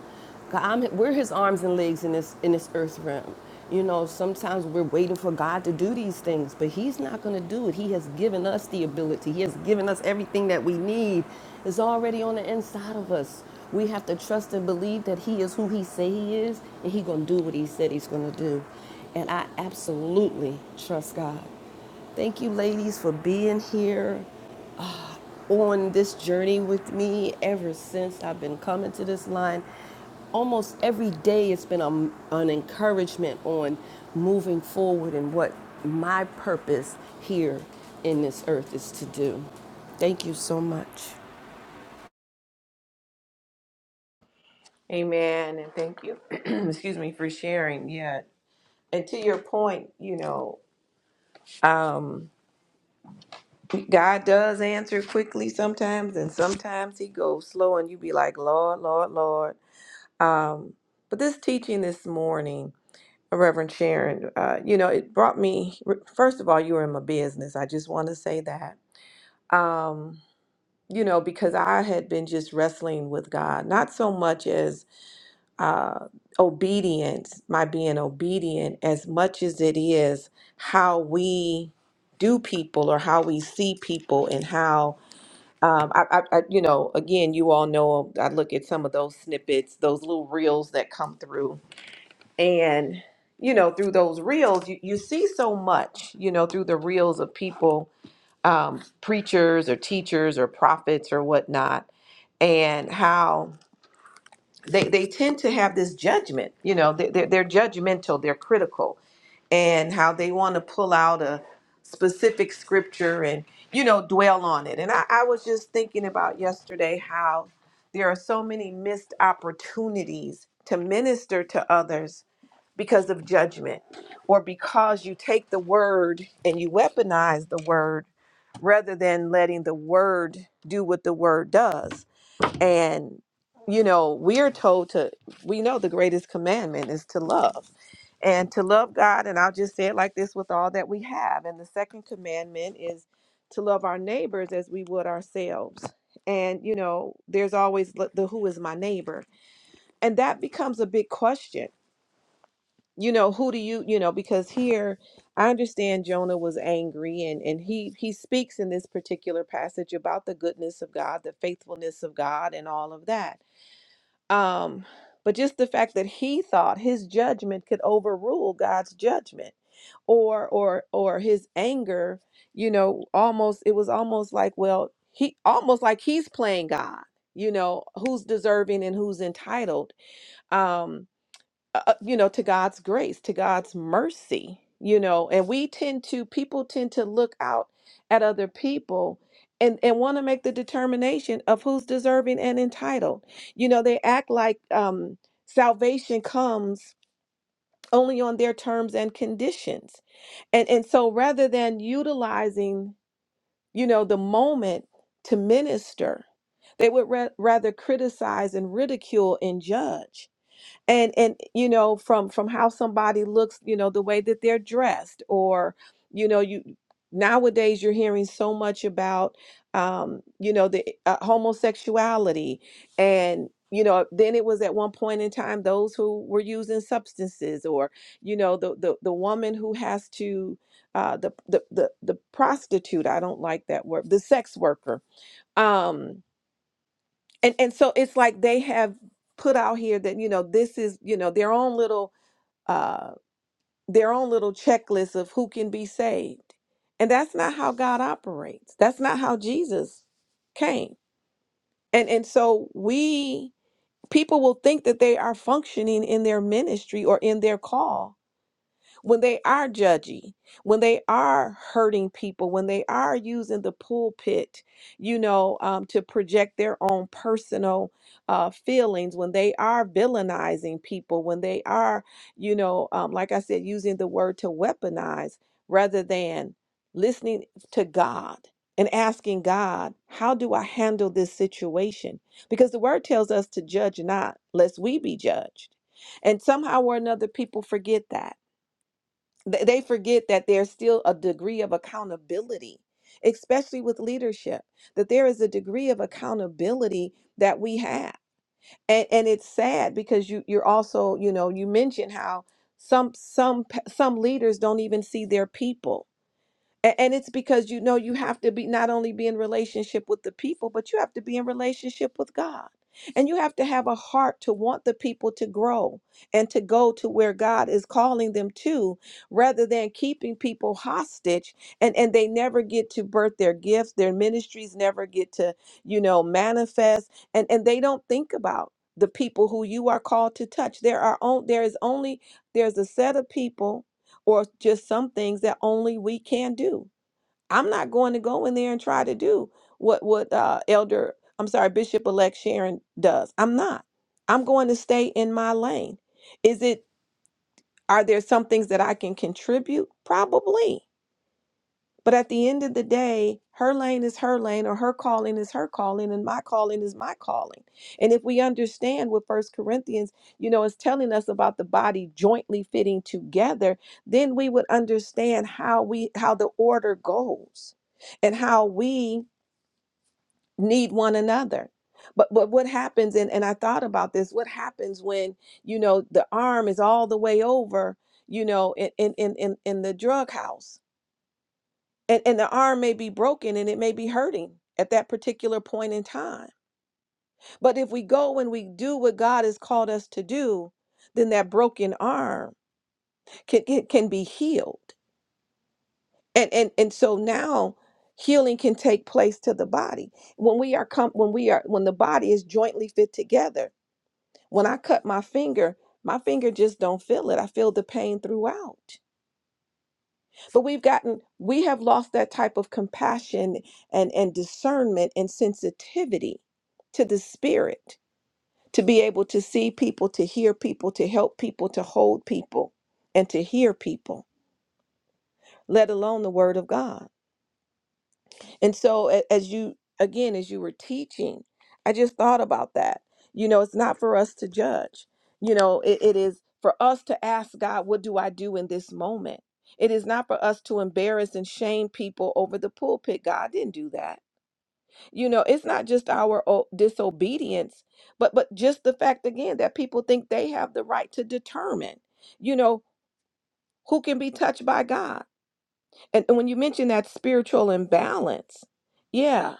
[SPEAKER 7] God, I'm, we're his arms and legs in this in this earth realm. You know, sometimes we're waiting for God to do these things, but he's not going to do it. He has given us the ability. He has given us everything that we need. It's already on the inside of us. We have to trust and believe that he is who he say he is, and he going to do what he said he's going to do. And I absolutely trust God. Thank you, ladies, for being here on this journey with me ever since I've been coming to this line. Almost every day, it's been a, an encouragement on moving forward and what my purpose here in this earth is to do. Thank you so much.
[SPEAKER 2] Amen. And thank you, excuse me, for sharing. Yeah. And to your point, you know, um, God does answer quickly sometimes, and sometimes He goes slow, and you be like, Lord, Lord, Lord. But this teaching this morning, Reverend Sharon, uh, you know, it brought me, first of all, you were in my business. I just want to say that. Um, you know, because I had been just wrestling with God, not so much as uh, obedience, my being obedient, as much as it is how we do people or how we see people and how. Um, I, I, I, you know, again, you all know I look at some of those snippets, those little reels that come through, and you know, through those reels, you, you see so much, you know, through the reels of people, um, preachers or teachers or prophets or whatnot, and how they they tend to have this judgment you know they, they're, they're judgmental they're critical and how they want to pull out a specific scripture and you know dwell on it and I, I was just thinking about yesterday how there are so many missed opportunities to minister to others because of judgment or because you take the word and you weaponize the word rather than letting the word do what the word does and, you know, we are told to, we know the greatest commandment is to love and to love God. And I'll just say it like this with all that we have. And the second commandment is to love our neighbors as we would ourselves. And, you know, there's always the the who is my neighbor. And that becomes a big question. You know, who do you, you know, because here I understand Jonah was angry and, and he, he speaks in this particular passage about the goodness of God, the faithfulness of God, and all of that um, but just the fact that he thought his judgment could overrule God's judgment or or or his anger, you know, almost it was almost like, well, he almost like he's playing God, you know, who's deserving and who's entitled. Um uh, uh, you know, to God's grace, to God's mercy, you know, and we tend to, people tend to look out at other people and, and want to make the determination of who's deserving and entitled. You know, they act like um, salvation comes only on their terms and conditions. And, and so rather than utilizing, you know, the moment to minister, they would ra- rather criticize and ridicule and judge and and you know from from how somebody looks you know the way that they're dressed or you know you nowadays you're hearing so much about um you know the uh, homosexuality and you know then it was at one point in time those who were using substances or you know the the, the woman who has to uh the, the the the prostitute i don't like that word the sex worker um and and so it's like they have put out here that you know this is you know their own little uh their own little checklist of who can be saved and that's not how god operates that's not how jesus came and and so we people will think that they are functioning in their ministry or in their call when they are judgy, when they are hurting people, when they are using the pulpit, you know, um, to project their own personal uh, feelings, when they are villainizing people, when they are, you know, um, like I said, using the word to weaponize rather than listening to God and asking God, how do I handle this situation? Because the word tells us to judge not, lest we be judged. And somehow or another, people forget that Th- They forget that there's still a degree of accountability, especially with leadership, that there is a degree of accountability that we have. And, and it's sad because you you're also you know you mentioned how some some p- some leaders don't even see their people a- And it's because you know you have to be not only be in relationship with the people, but you have to be in relationship with God. And you have to have a heart to want the people to grow and to go to where God is calling them to, rather than keeping people hostage and, and they never get to birth their gifts, their ministries never get to, you know, manifest, and, and they don't think about the people who you are called to touch. There are on, there is only there's a set of people or just some things that only we can do. I'm not going to go in there and try to do what what uh, Elder, I'm sorry, Bishop Elect Sharon does. I'm not. I'm going to stay in my lane. Is it? Are there some things that I can contribute? Probably. But at the end of the day, her lane is her lane, or her calling is her calling, and my calling is my calling. And if we understand what First Corinthians, you know, is telling us about the body jointly fitting together, then we would understand how we how the order goes and how we need one another. But but what happens, and, and I thought about this, what happens when, you know, the arm is all the way over, you know, in in in in in the drug house and and the arm may be broken and it may be hurting at that particular point in time but if we go and we do what god has called us to do then that broken arm can can, can be healed and and and so now healing can take place to the body when we are come when we are when the body is jointly fit together when i cut my finger my finger just don't feel it i feel the pain throughout So we've gotten, we have lost that type of compassion and, and discernment and sensitivity to the spirit to be able to see people, to hear people, to help people, to hold people, and to hear people, let alone the word of God. And so, a- as you, again, as you were teaching, I just thought about that. You know, it's not for us to judge. You know, it, it is for us to ask God, what do I do in this moment? It is not for us to embarrass and shame people over the pulpit. God didn't do that. You know, it's not just our o- disobedience, but but just the fact again that people think they have the right to determine, you know, who can be touched by God. And, and when you mention that spiritual imbalance, yeah,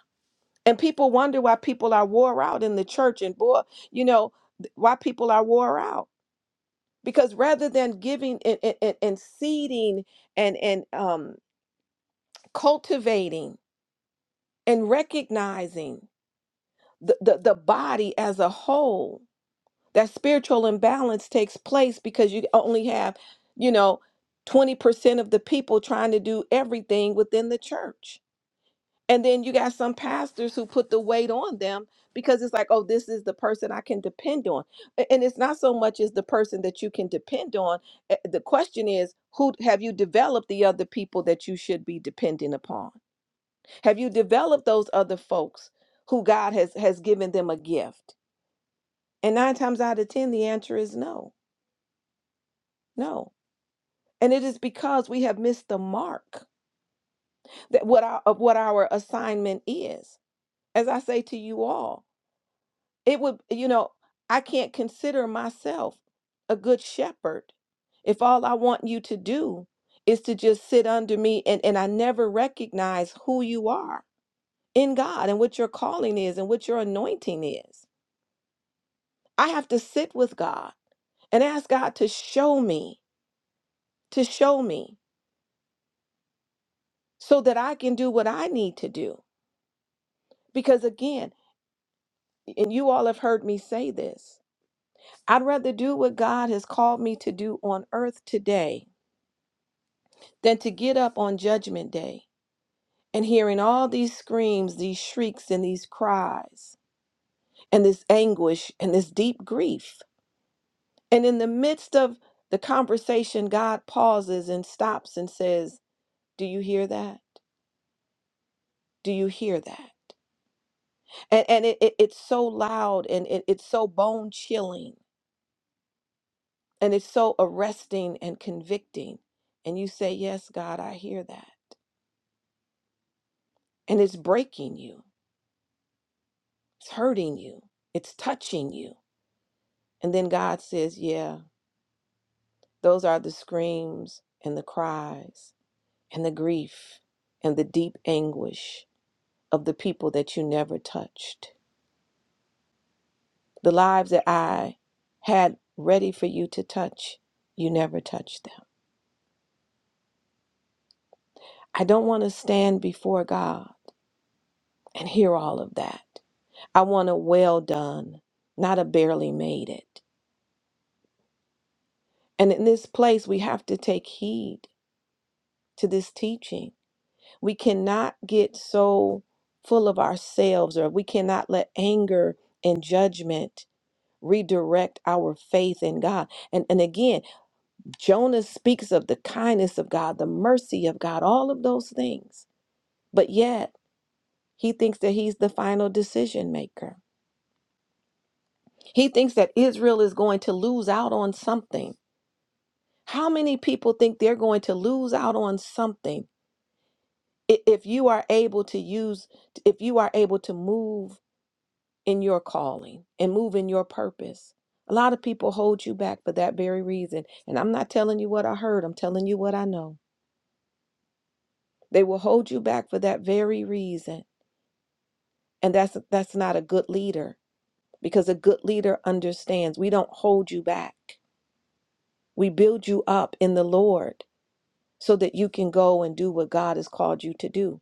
[SPEAKER 2] and people wonder why people are wore out in the church and boy, you know, th- why people are wore out. Because rather than giving and, and, and and seeding and, and um, cultivating and recognizing the, the, the body as a whole, that spiritual imbalance takes place because you only have, you know, 20% of the people trying to do everything within the church And then you got some pastors who put the weight on them because it's like, oh, this is the person I can depend on. A- And it's not so much as the person that you can depend on. Eh, The question is, who have you developed the other people that you should be depending upon? Have you developed those other folks who God has has given them a gift? And nine times out of ten, the answer is no, no. And it is because we have missed the mark that what our, of what our assignment is. As I say to you all, It would, you know, I can't consider myself a good shepherd if all I want you to do is to just sit under me and, and I never recognize who you are in God and what your calling is and what your anointing is. I have to sit with God and ask God to show me, to show me so that I can do what I need to do. Because again, and you all have heard me say this, I'd rather do what God has called me to do on earth today than to get up on Judgment Day and hearing all these screams, these shrieks, and these cries, and this anguish, and this deep grief. And in the midst of the conversation, God pauses and stops and says, Do you hear that? Do you hear that? And, and it, it- it's so loud and it, it's so bone chilling and it's so arresting and convicting. And you say, Yes, God, I hear that. And it's breaking you, it's hurting you, it's touching you And then God says, Yeah, those are the screams and the cries and the grief and the deep anguish of the people that you never touched. The lives that I had ready for you to touch, you never touched them. I don't want to stand before God and hear all of that. I want a well done, not a barely made it. And in this place, we have to take heed to this teaching We cannot get so full of ourselves, or we cannot let anger and judgment redirect our faith in God. And, and again, Jonah speaks of the kindness of God, the mercy of God, all of those things. But yet, he thinks that he's the final decision maker. He thinks that Israel is going to lose out on something. How many people think they're going to lose out on something i- if you are able to use, if you are able to move? in your calling and move in your purpose. A lot of people hold you back for that very reason. And I'm not telling you what I heard, I'm telling you what I know. They will hold you back for that very reason. And that's that's not a good leader because a good leader understands we don't hold you back. We build you up in the Lord so that you can go and do what God has called you to do.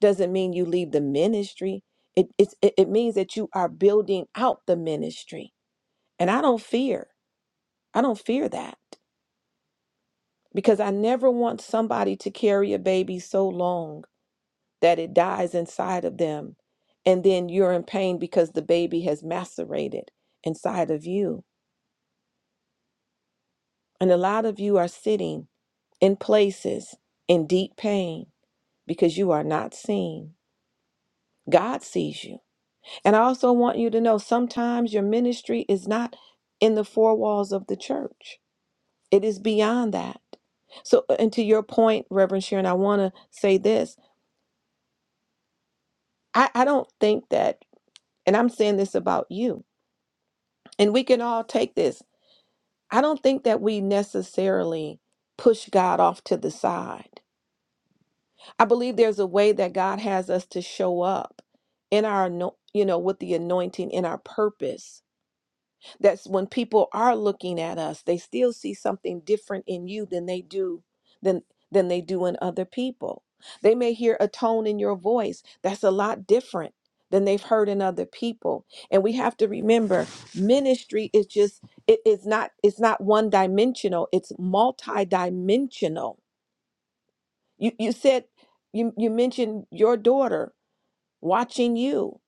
[SPEAKER 2] Doesn't mean you leave the ministry. It, it's, it, it means that you are building out the ministry. And I don't fear. I don't fear that because I never want somebody to carry a baby so long that it dies inside of them. And then you're in pain because the baby has macerated inside of you. And a lot of you are sitting in places in deep pain because you are not seen. God sees you. And I also want you to know sometimes your ministry is not in the four walls of the church, it is beyond that. So, uh, and to your point, Reverend Sharon, I want to say this I, I don't think that, and I'm saying this about you, and we can all take this. I don't think that we necessarily push God off to the side. I believe there's a way that God has us to show up in our, ano- you know, with the anointing in our purpose That's when people are looking at us, they still see something different in you than they do than than they do in other people. They may hear a tone in your voice that's a lot different than they've heard in other people. And we have to remember ministry is just it is not it's not one dimensional, it's multidimensional. You you said you you mentioned your daughter watching you.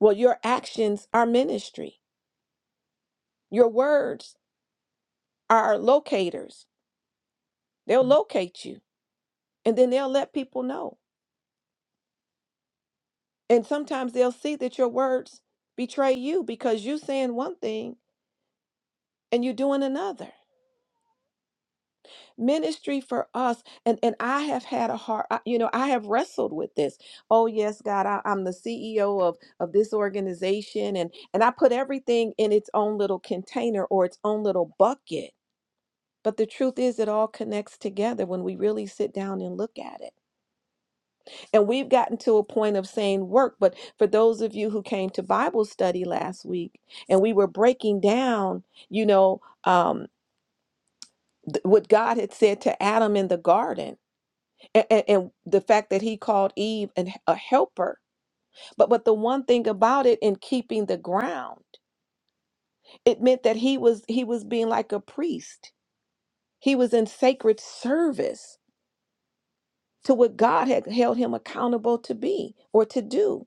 [SPEAKER 2] Well, your actions are ministry. Your words are locators They'll locate you and then they'll let people know. And sometimes they'll see that your words betray you because you saying one thing and you doing another. Ministry for us, and, and I have had a heart, I- you know, I have wrestled with this. Oh yes, God, I, I'm the CEO of of this organization, and and I put everything in its own little container or its own little bucket. But the truth is, it all connects together when we really sit down and look at it. And we've gotten to a point of saying work, but for those of you who came to Bible study last week and we were breaking down, you know, um, th- what God had said to Adam in the garden and, and the fact that he called Eve an, a helper. But but the one thing about it in keeping the ground, it meant that he was he was being like a priest. He was in sacred service to what God had held him accountable to be or to do.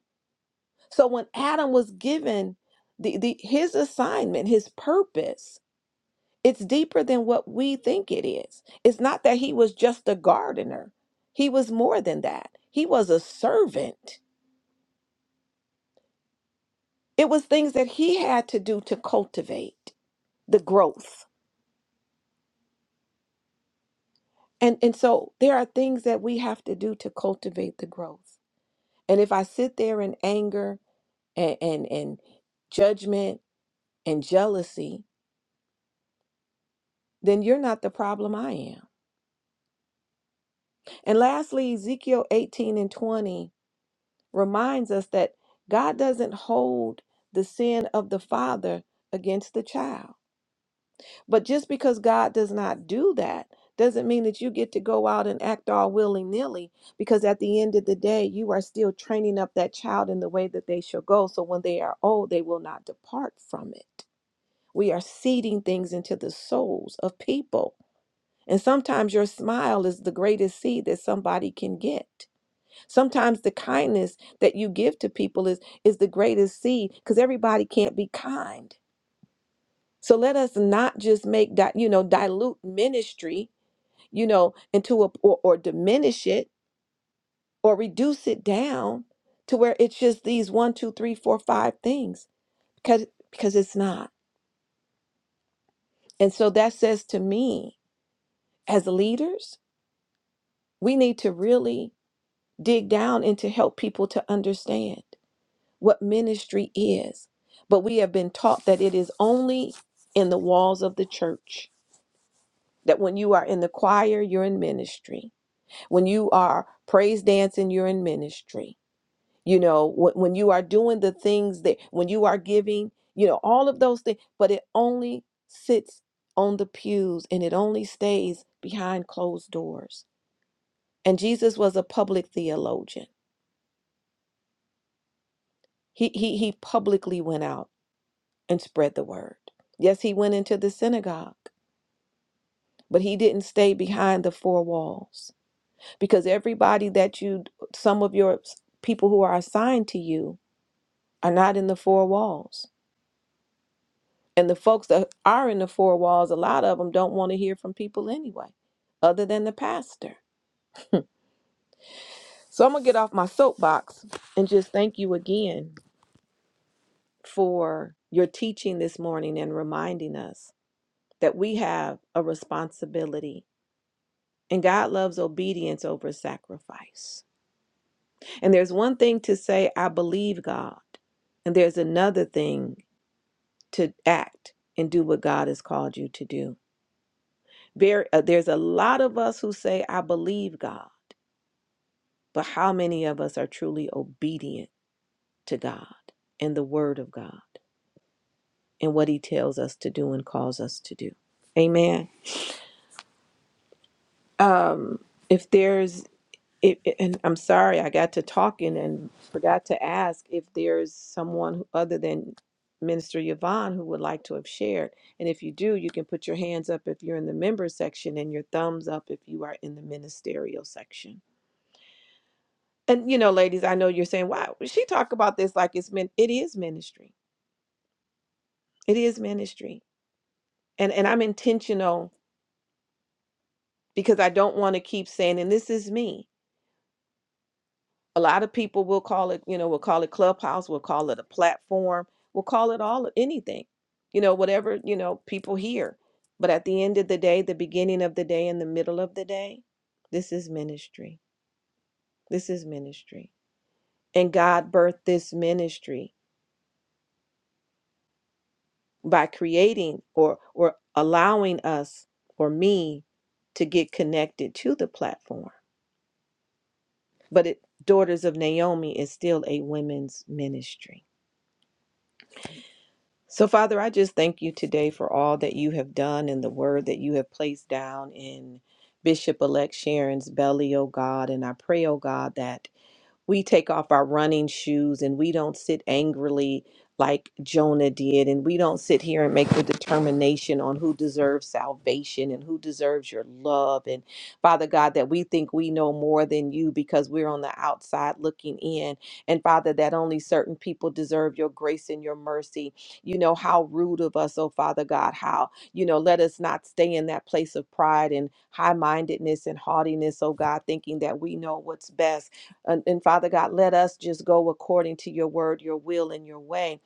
[SPEAKER 2] So when Adam was given the, the his assignment, his purpose, it's deeper than what we think it is. It's not that he was just a gardener. He was more than that. He was a servant. It was things that he had to do to cultivate the growth. And and so there are things that we have to do to cultivate the growth. And if I sit there in anger and and, and judgment and jealousy, then you're not the problem I am And lastly, Ezekiel 18 and 20 reminds us that God doesn't hold the sin of the father against the child. But just because God does not do that doesn't mean that you get to go out and act all willy nilly, because at the end of the day, you are still training up that child in the way that they shall go. So when they are old, they will not depart from it. We are seeding things into the souls of people. And sometimes your smile is the greatest seed that somebody can get. Sometimes the kindness that you give to people is is the greatest seed because everybody can't be kind. So let us not just make that you know dilute ministry, you know, into a or, or diminish it or reduce it down to where it's just these one, two, three, four, five things because because it's not. And so that says to me, as leaders, we need to really dig down and to help people to understand. what ministry is. But we have been taught that it is only in the walls of the church. That when you are in the choir, you're in ministry. When you are praise dancing, you're in ministry. You know, when, when you are doing the things that, when you are giving, you know, all of those things, but it only sits on the pews and it only stays behind closed doors. And Jesus was a public theologian. He, he, he publicly went out and spread the word. Yes, he went into the synagogue, but he didn't stay behind the four walls because everybody that you, some of your s- people who are assigned to you, are not in the four walls. And the folks that are in the four walls, a lot of them don't want to hear from people anyway, other than the pastor. So I'm going to get off my soapbox and just thank you again for your teaching this morning and reminding us that we have a responsibility And God loves obedience over sacrifice. And there's one thing to say, I believe God. And there's another thing to act and do what God has called you to do. There, uh, there's a lot of us who say, I believe God. But how many of us are truly obedient to God and the Word of God and what He tells us to do and calls us to do? Amen. Um, if there's It, it- and I'm sorry, I got to talking and forgot to ask if there's someone who- other than Minister Yvonne who would like to have shared. And if you do, you can put your hands up if you're in the member section and your thumbs up if you are in the ministerial section. And you know, ladies, I know you're saying, "Wow, she talk about this like it's min it is ministry. It is ministry." And and I'm intentional because I don't want to keep saying, "And this is me." a lot of people will call it you know we'll call it clubhouse we'll call it a platform we'll call it all anything you know whatever you know people hear but at the end of the day the beginning of the day and the middle of the day this is ministry this is ministry and god birthed this ministry by creating or or allowing us or me to get connected to the platform but it daughters of naomi is still a women's ministry So, Father, I just thank you today for all that you have done and the word that you have placed down in Bishop elect Sharon's belly, oh God. And I pray, oh God, that we take off our running shoes and we don't sit angrily like Jonah did, and we don't sit here and make the determination on who deserves salvation and who deserves your love. And Father God, that we think we know more than you because we're on the outside looking in. And Father, that only certain people deserve your grace and your mercy. You know, how rude of us, oh Father God, how, you know, let us not stay in that place of pride and high mindedness and haughtiness, oh God, thinking that we know what's best and, and Father God, let us just go according to your word, your will, and your way,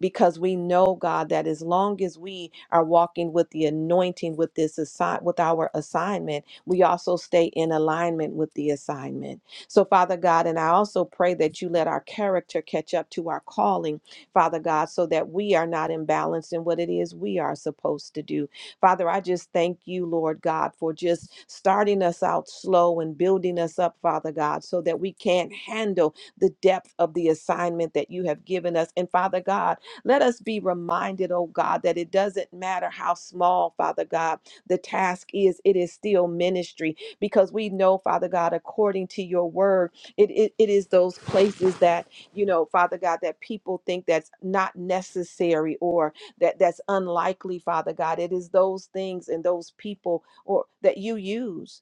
[SPEAKER 2] because we know, God, that as long as we are walking with the anointing, with this assign, with our assignment, we also stay in alignment with the assignment. So, Father God, and I also pray that you let our character catch up to our calling, Father God, so that we are not imbalanced in what it is we are supposed to do Father, I just thank you, Lord God, for just starting us out slow and building us up, Father God, so that we can handle the depth of the assignment that you have given us. And Father God, let us be reminded, oh God, that it doesn't matter how small, Father God, the task is, it is still ministry because we know, Father God, according to your word, it, it, it is those places that, you know, Father God, that people think that's not necessary or that that's unlikely father god it is those things and those people or that you use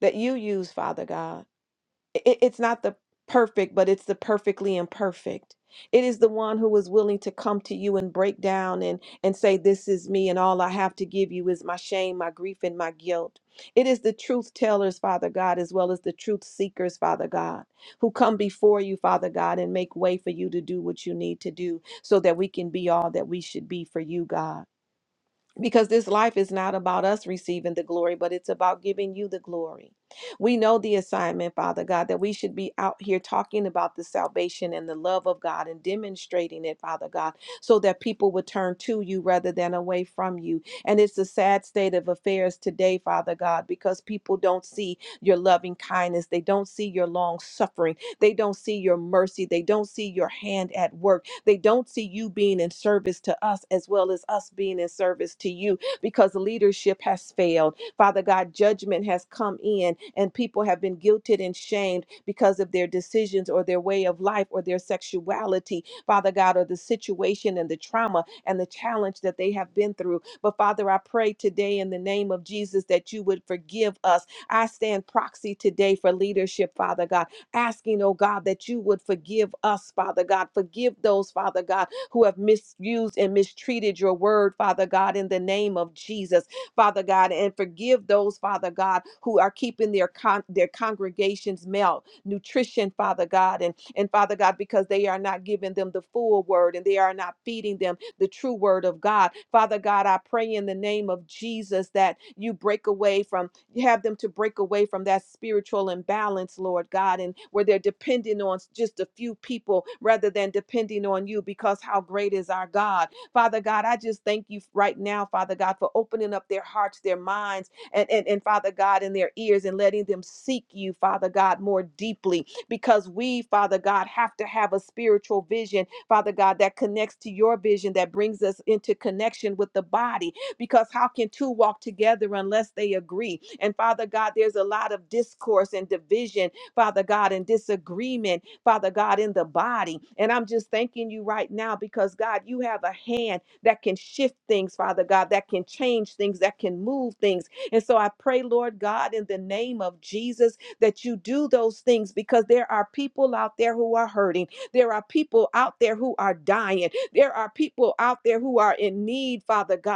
[SPEAKER 2] that you use father god it, it's not the perfect, but it's the perfectly imperfect. It is the one who is willing to come to you and break down and, and say, This is me, and all I have to give you is my shame, my grief, and my guilt. It is the truth tellers, Father God, as well as the truth seekers, Father God, who come before you, Father God, and make way for you to do what you need to do so that we can be all that we should be for you, God because this life is not about us receiving the glory, but it's about giving you the glory. We know the assignment, Father God, that we should be out here talking about the salvation and the love of God and demonstrating it, Father God, so that people would turn to you rather than away from you. And it's a sad state of affairs today, Father God, because people don't see your loving kindness. They don't see your long suffering. They don't see your mercy. They don't see your hand at work. They don't see you being in service to us as well as us being in service to you because leadership has failed. Father God, judgment has come in and people have been guilted and shamed because of their decisions or their way of life or their sexuality, Father God, or the situation and the trauma and the challenge that they have been through. But Father, I pray today in the name of Jesus that you would forgive us. I stand proxy today for leadership, Father God asking, oh God, that you would forgive us, Father God. Forgive those, Father God, who have misused and mistreated your word, Father God, in the name of Jesus, Father God, and forgive those, Father God, who are keeping their con- their congregations malnutrition, Father God, and and Father God, because they are not giving them the full word and they are not feeding them the true word of God. Father God, I pray in the name of Jesus that you break away from have them to break away from that spiritual imbalance, Lord God, and where they're depending on just a few people rather than depending on you because how great is our God. Father God, I just thank you right now, Father God, for opening up their hearts, their minds, and, and, and Father God, in their ears and letting them seek you, Father God, more deeply because we, Father God, have to have a spiritual vision, Father God, that connects to your vision, that brings us into connection with the body because how can two walk together unless they agree? And Father God, there's a lot of discourse and division, Father God, and disagreement, Father God, in the body. And I'm just thanking you right now because, God, you have a hand that can shift things, Father God, that can change things, that can move things. And so I pray, Lord God, in the name of Jesus, that you do those things because there are people out there who are hurting. There are people out there who are dying. There are people out there who are in need, Father God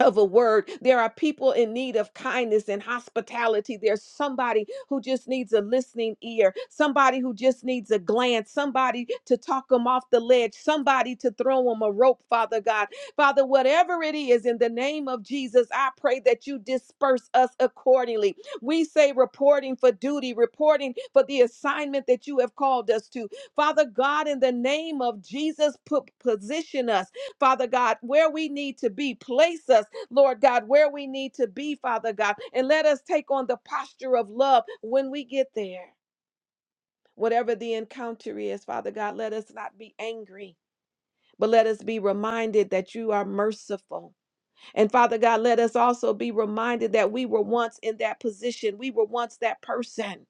[SPEAKER 2] of a word. There are people in need of kindness and hospitality. There's somebody who just needs a listening ear, somebody who just needs a glance, somebody to talk them off the ledge, somebody to throw them a rope, Father God. Father, whatever it is, in the name of Jesus, I pray that you disperse us accordingly. We say reporting for duty, reporting for the assignment that you have called us to. Father God, in the name of Jesus, put position us Father God, where we need to be. Place us. Lord God, where we need to be, Father God. And let us take on the posture of love when we get there. Whatever the encounter is, Father God, let us not be angry, but let us be reminded that you are merciful. And Father God, let us also be reminded that we were once in that position. We were once that person.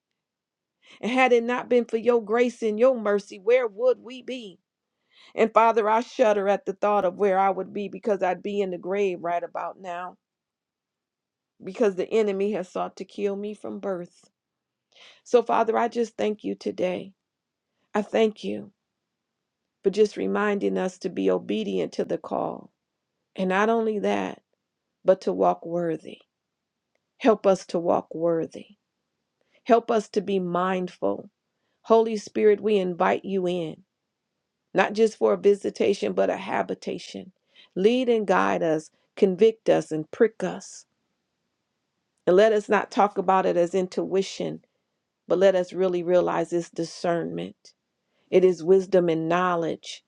[SPEAKER 2] And had it not been for your grace and your mercy, where would we be? And Father, I shudder at the thought of where I would be because I'd be in the grave right about now. because the enemy has sought to kill me from birth. So, Father, I just thank you today. I thank you for just reminding us to be obedient to the call. And not only that, but to walk worthy. Help us to walk worthy. Help us to be mindful. Holy Spirit, we invite you in, not just for a visitation, but a habitation. Lead and guide us, convict us, and prick us. And let us not talk about it as intuition, But let us really realize it's discernment. It is wisdom and knowledge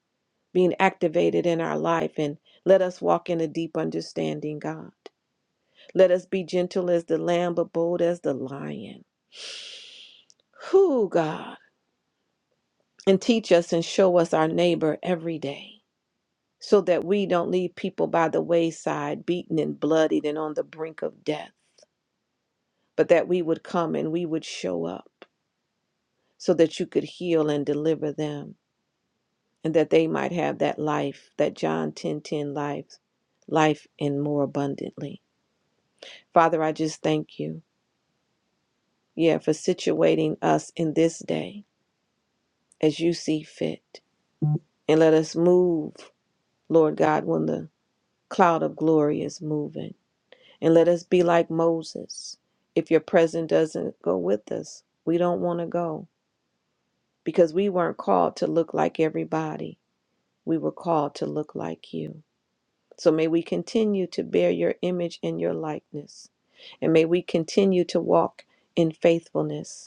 [SPEAKER 2] being activated in our life. And let us walk in a deep understanding, God. Let us be gentle as the lamb, but bold as the lion. Who, God? And teach us and show us our neighbor every day so that we don't leave people by the wayside, beaten and bloodied and on the brink of death, but that we would come and we would show up so that you could heal and deliver them. and that they might have that life, that John 10:10 10 life, life and more abundantly. Father, I just thank you, yeah, for situating us in this day as you see fit. And let us move, Lord God, when the cloud of glory is moving. And let us be like Moses. If your presence doesn't go with us, we don't want to go because we weren't called to look like everybody. We were called to look like you. So may we continue to bear your image and your likeness. And may we continue to walk in faithfulness.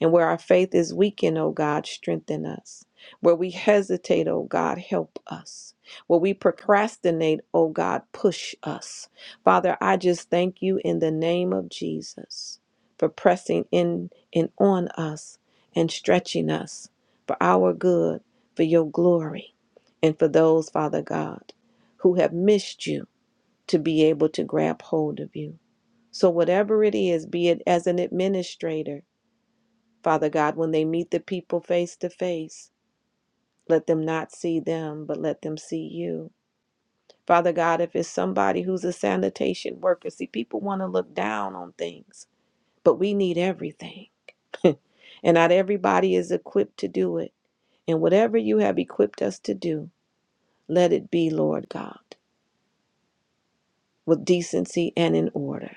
[SPEAKER 2] And where our faith is weakened, O God, strengthen us. Where we hesitate, O God, help us. Where we procrastinate, O God, push us. Father, I just thank you in the name of Jesus for pressing in and on us and stretching us for our good, for your glory, and for those, Father God, who have missed you to be able to grab hold of you. So, whatever it is, be it as an administrator, Father God, when they meet the people face to face, let them not see them, but let them see you. Father God, if it's somebody who's a sanitation worker, see, people want to look down on things, but we need everything. And not everybody is equipped to do it. And whatever you have equipped us to do, let it be, Lord God, with decency and in order.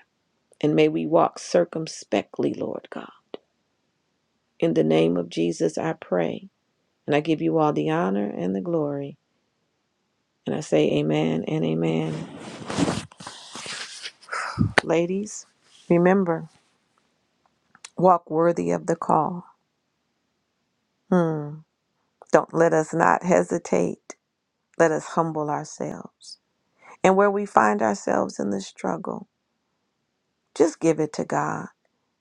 [SPEAKER 2] And may we walk circumspectly, Lord God. In the name of Jesus, I pray. And I give you all the honor and the glory. And I say amen and amen. Ladies, remember, walk worthy of the call. Hmm. Don't let us not hesitate. Let us humble ourselves. And where we find ourselves in the struggle, just give it to God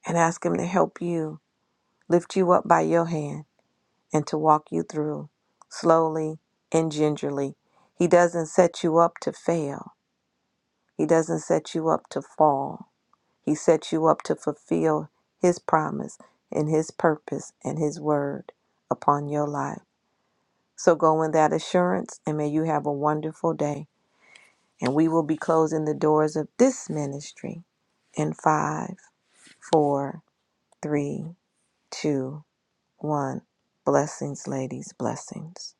[SPEAKER 2] and ask Him to help you, lift you up by your hand, and to walk you through slowly and gingerly. He doesn't set you up to fail, He doesn't set you up to fall. He set you up to fulfill His promise and His purpose and His word upon your life. So go in that assurance and may you have a wonderful day. And we will be closing the doors of this ministry in five, four, three, two, one. Blessings, ladies, blessings.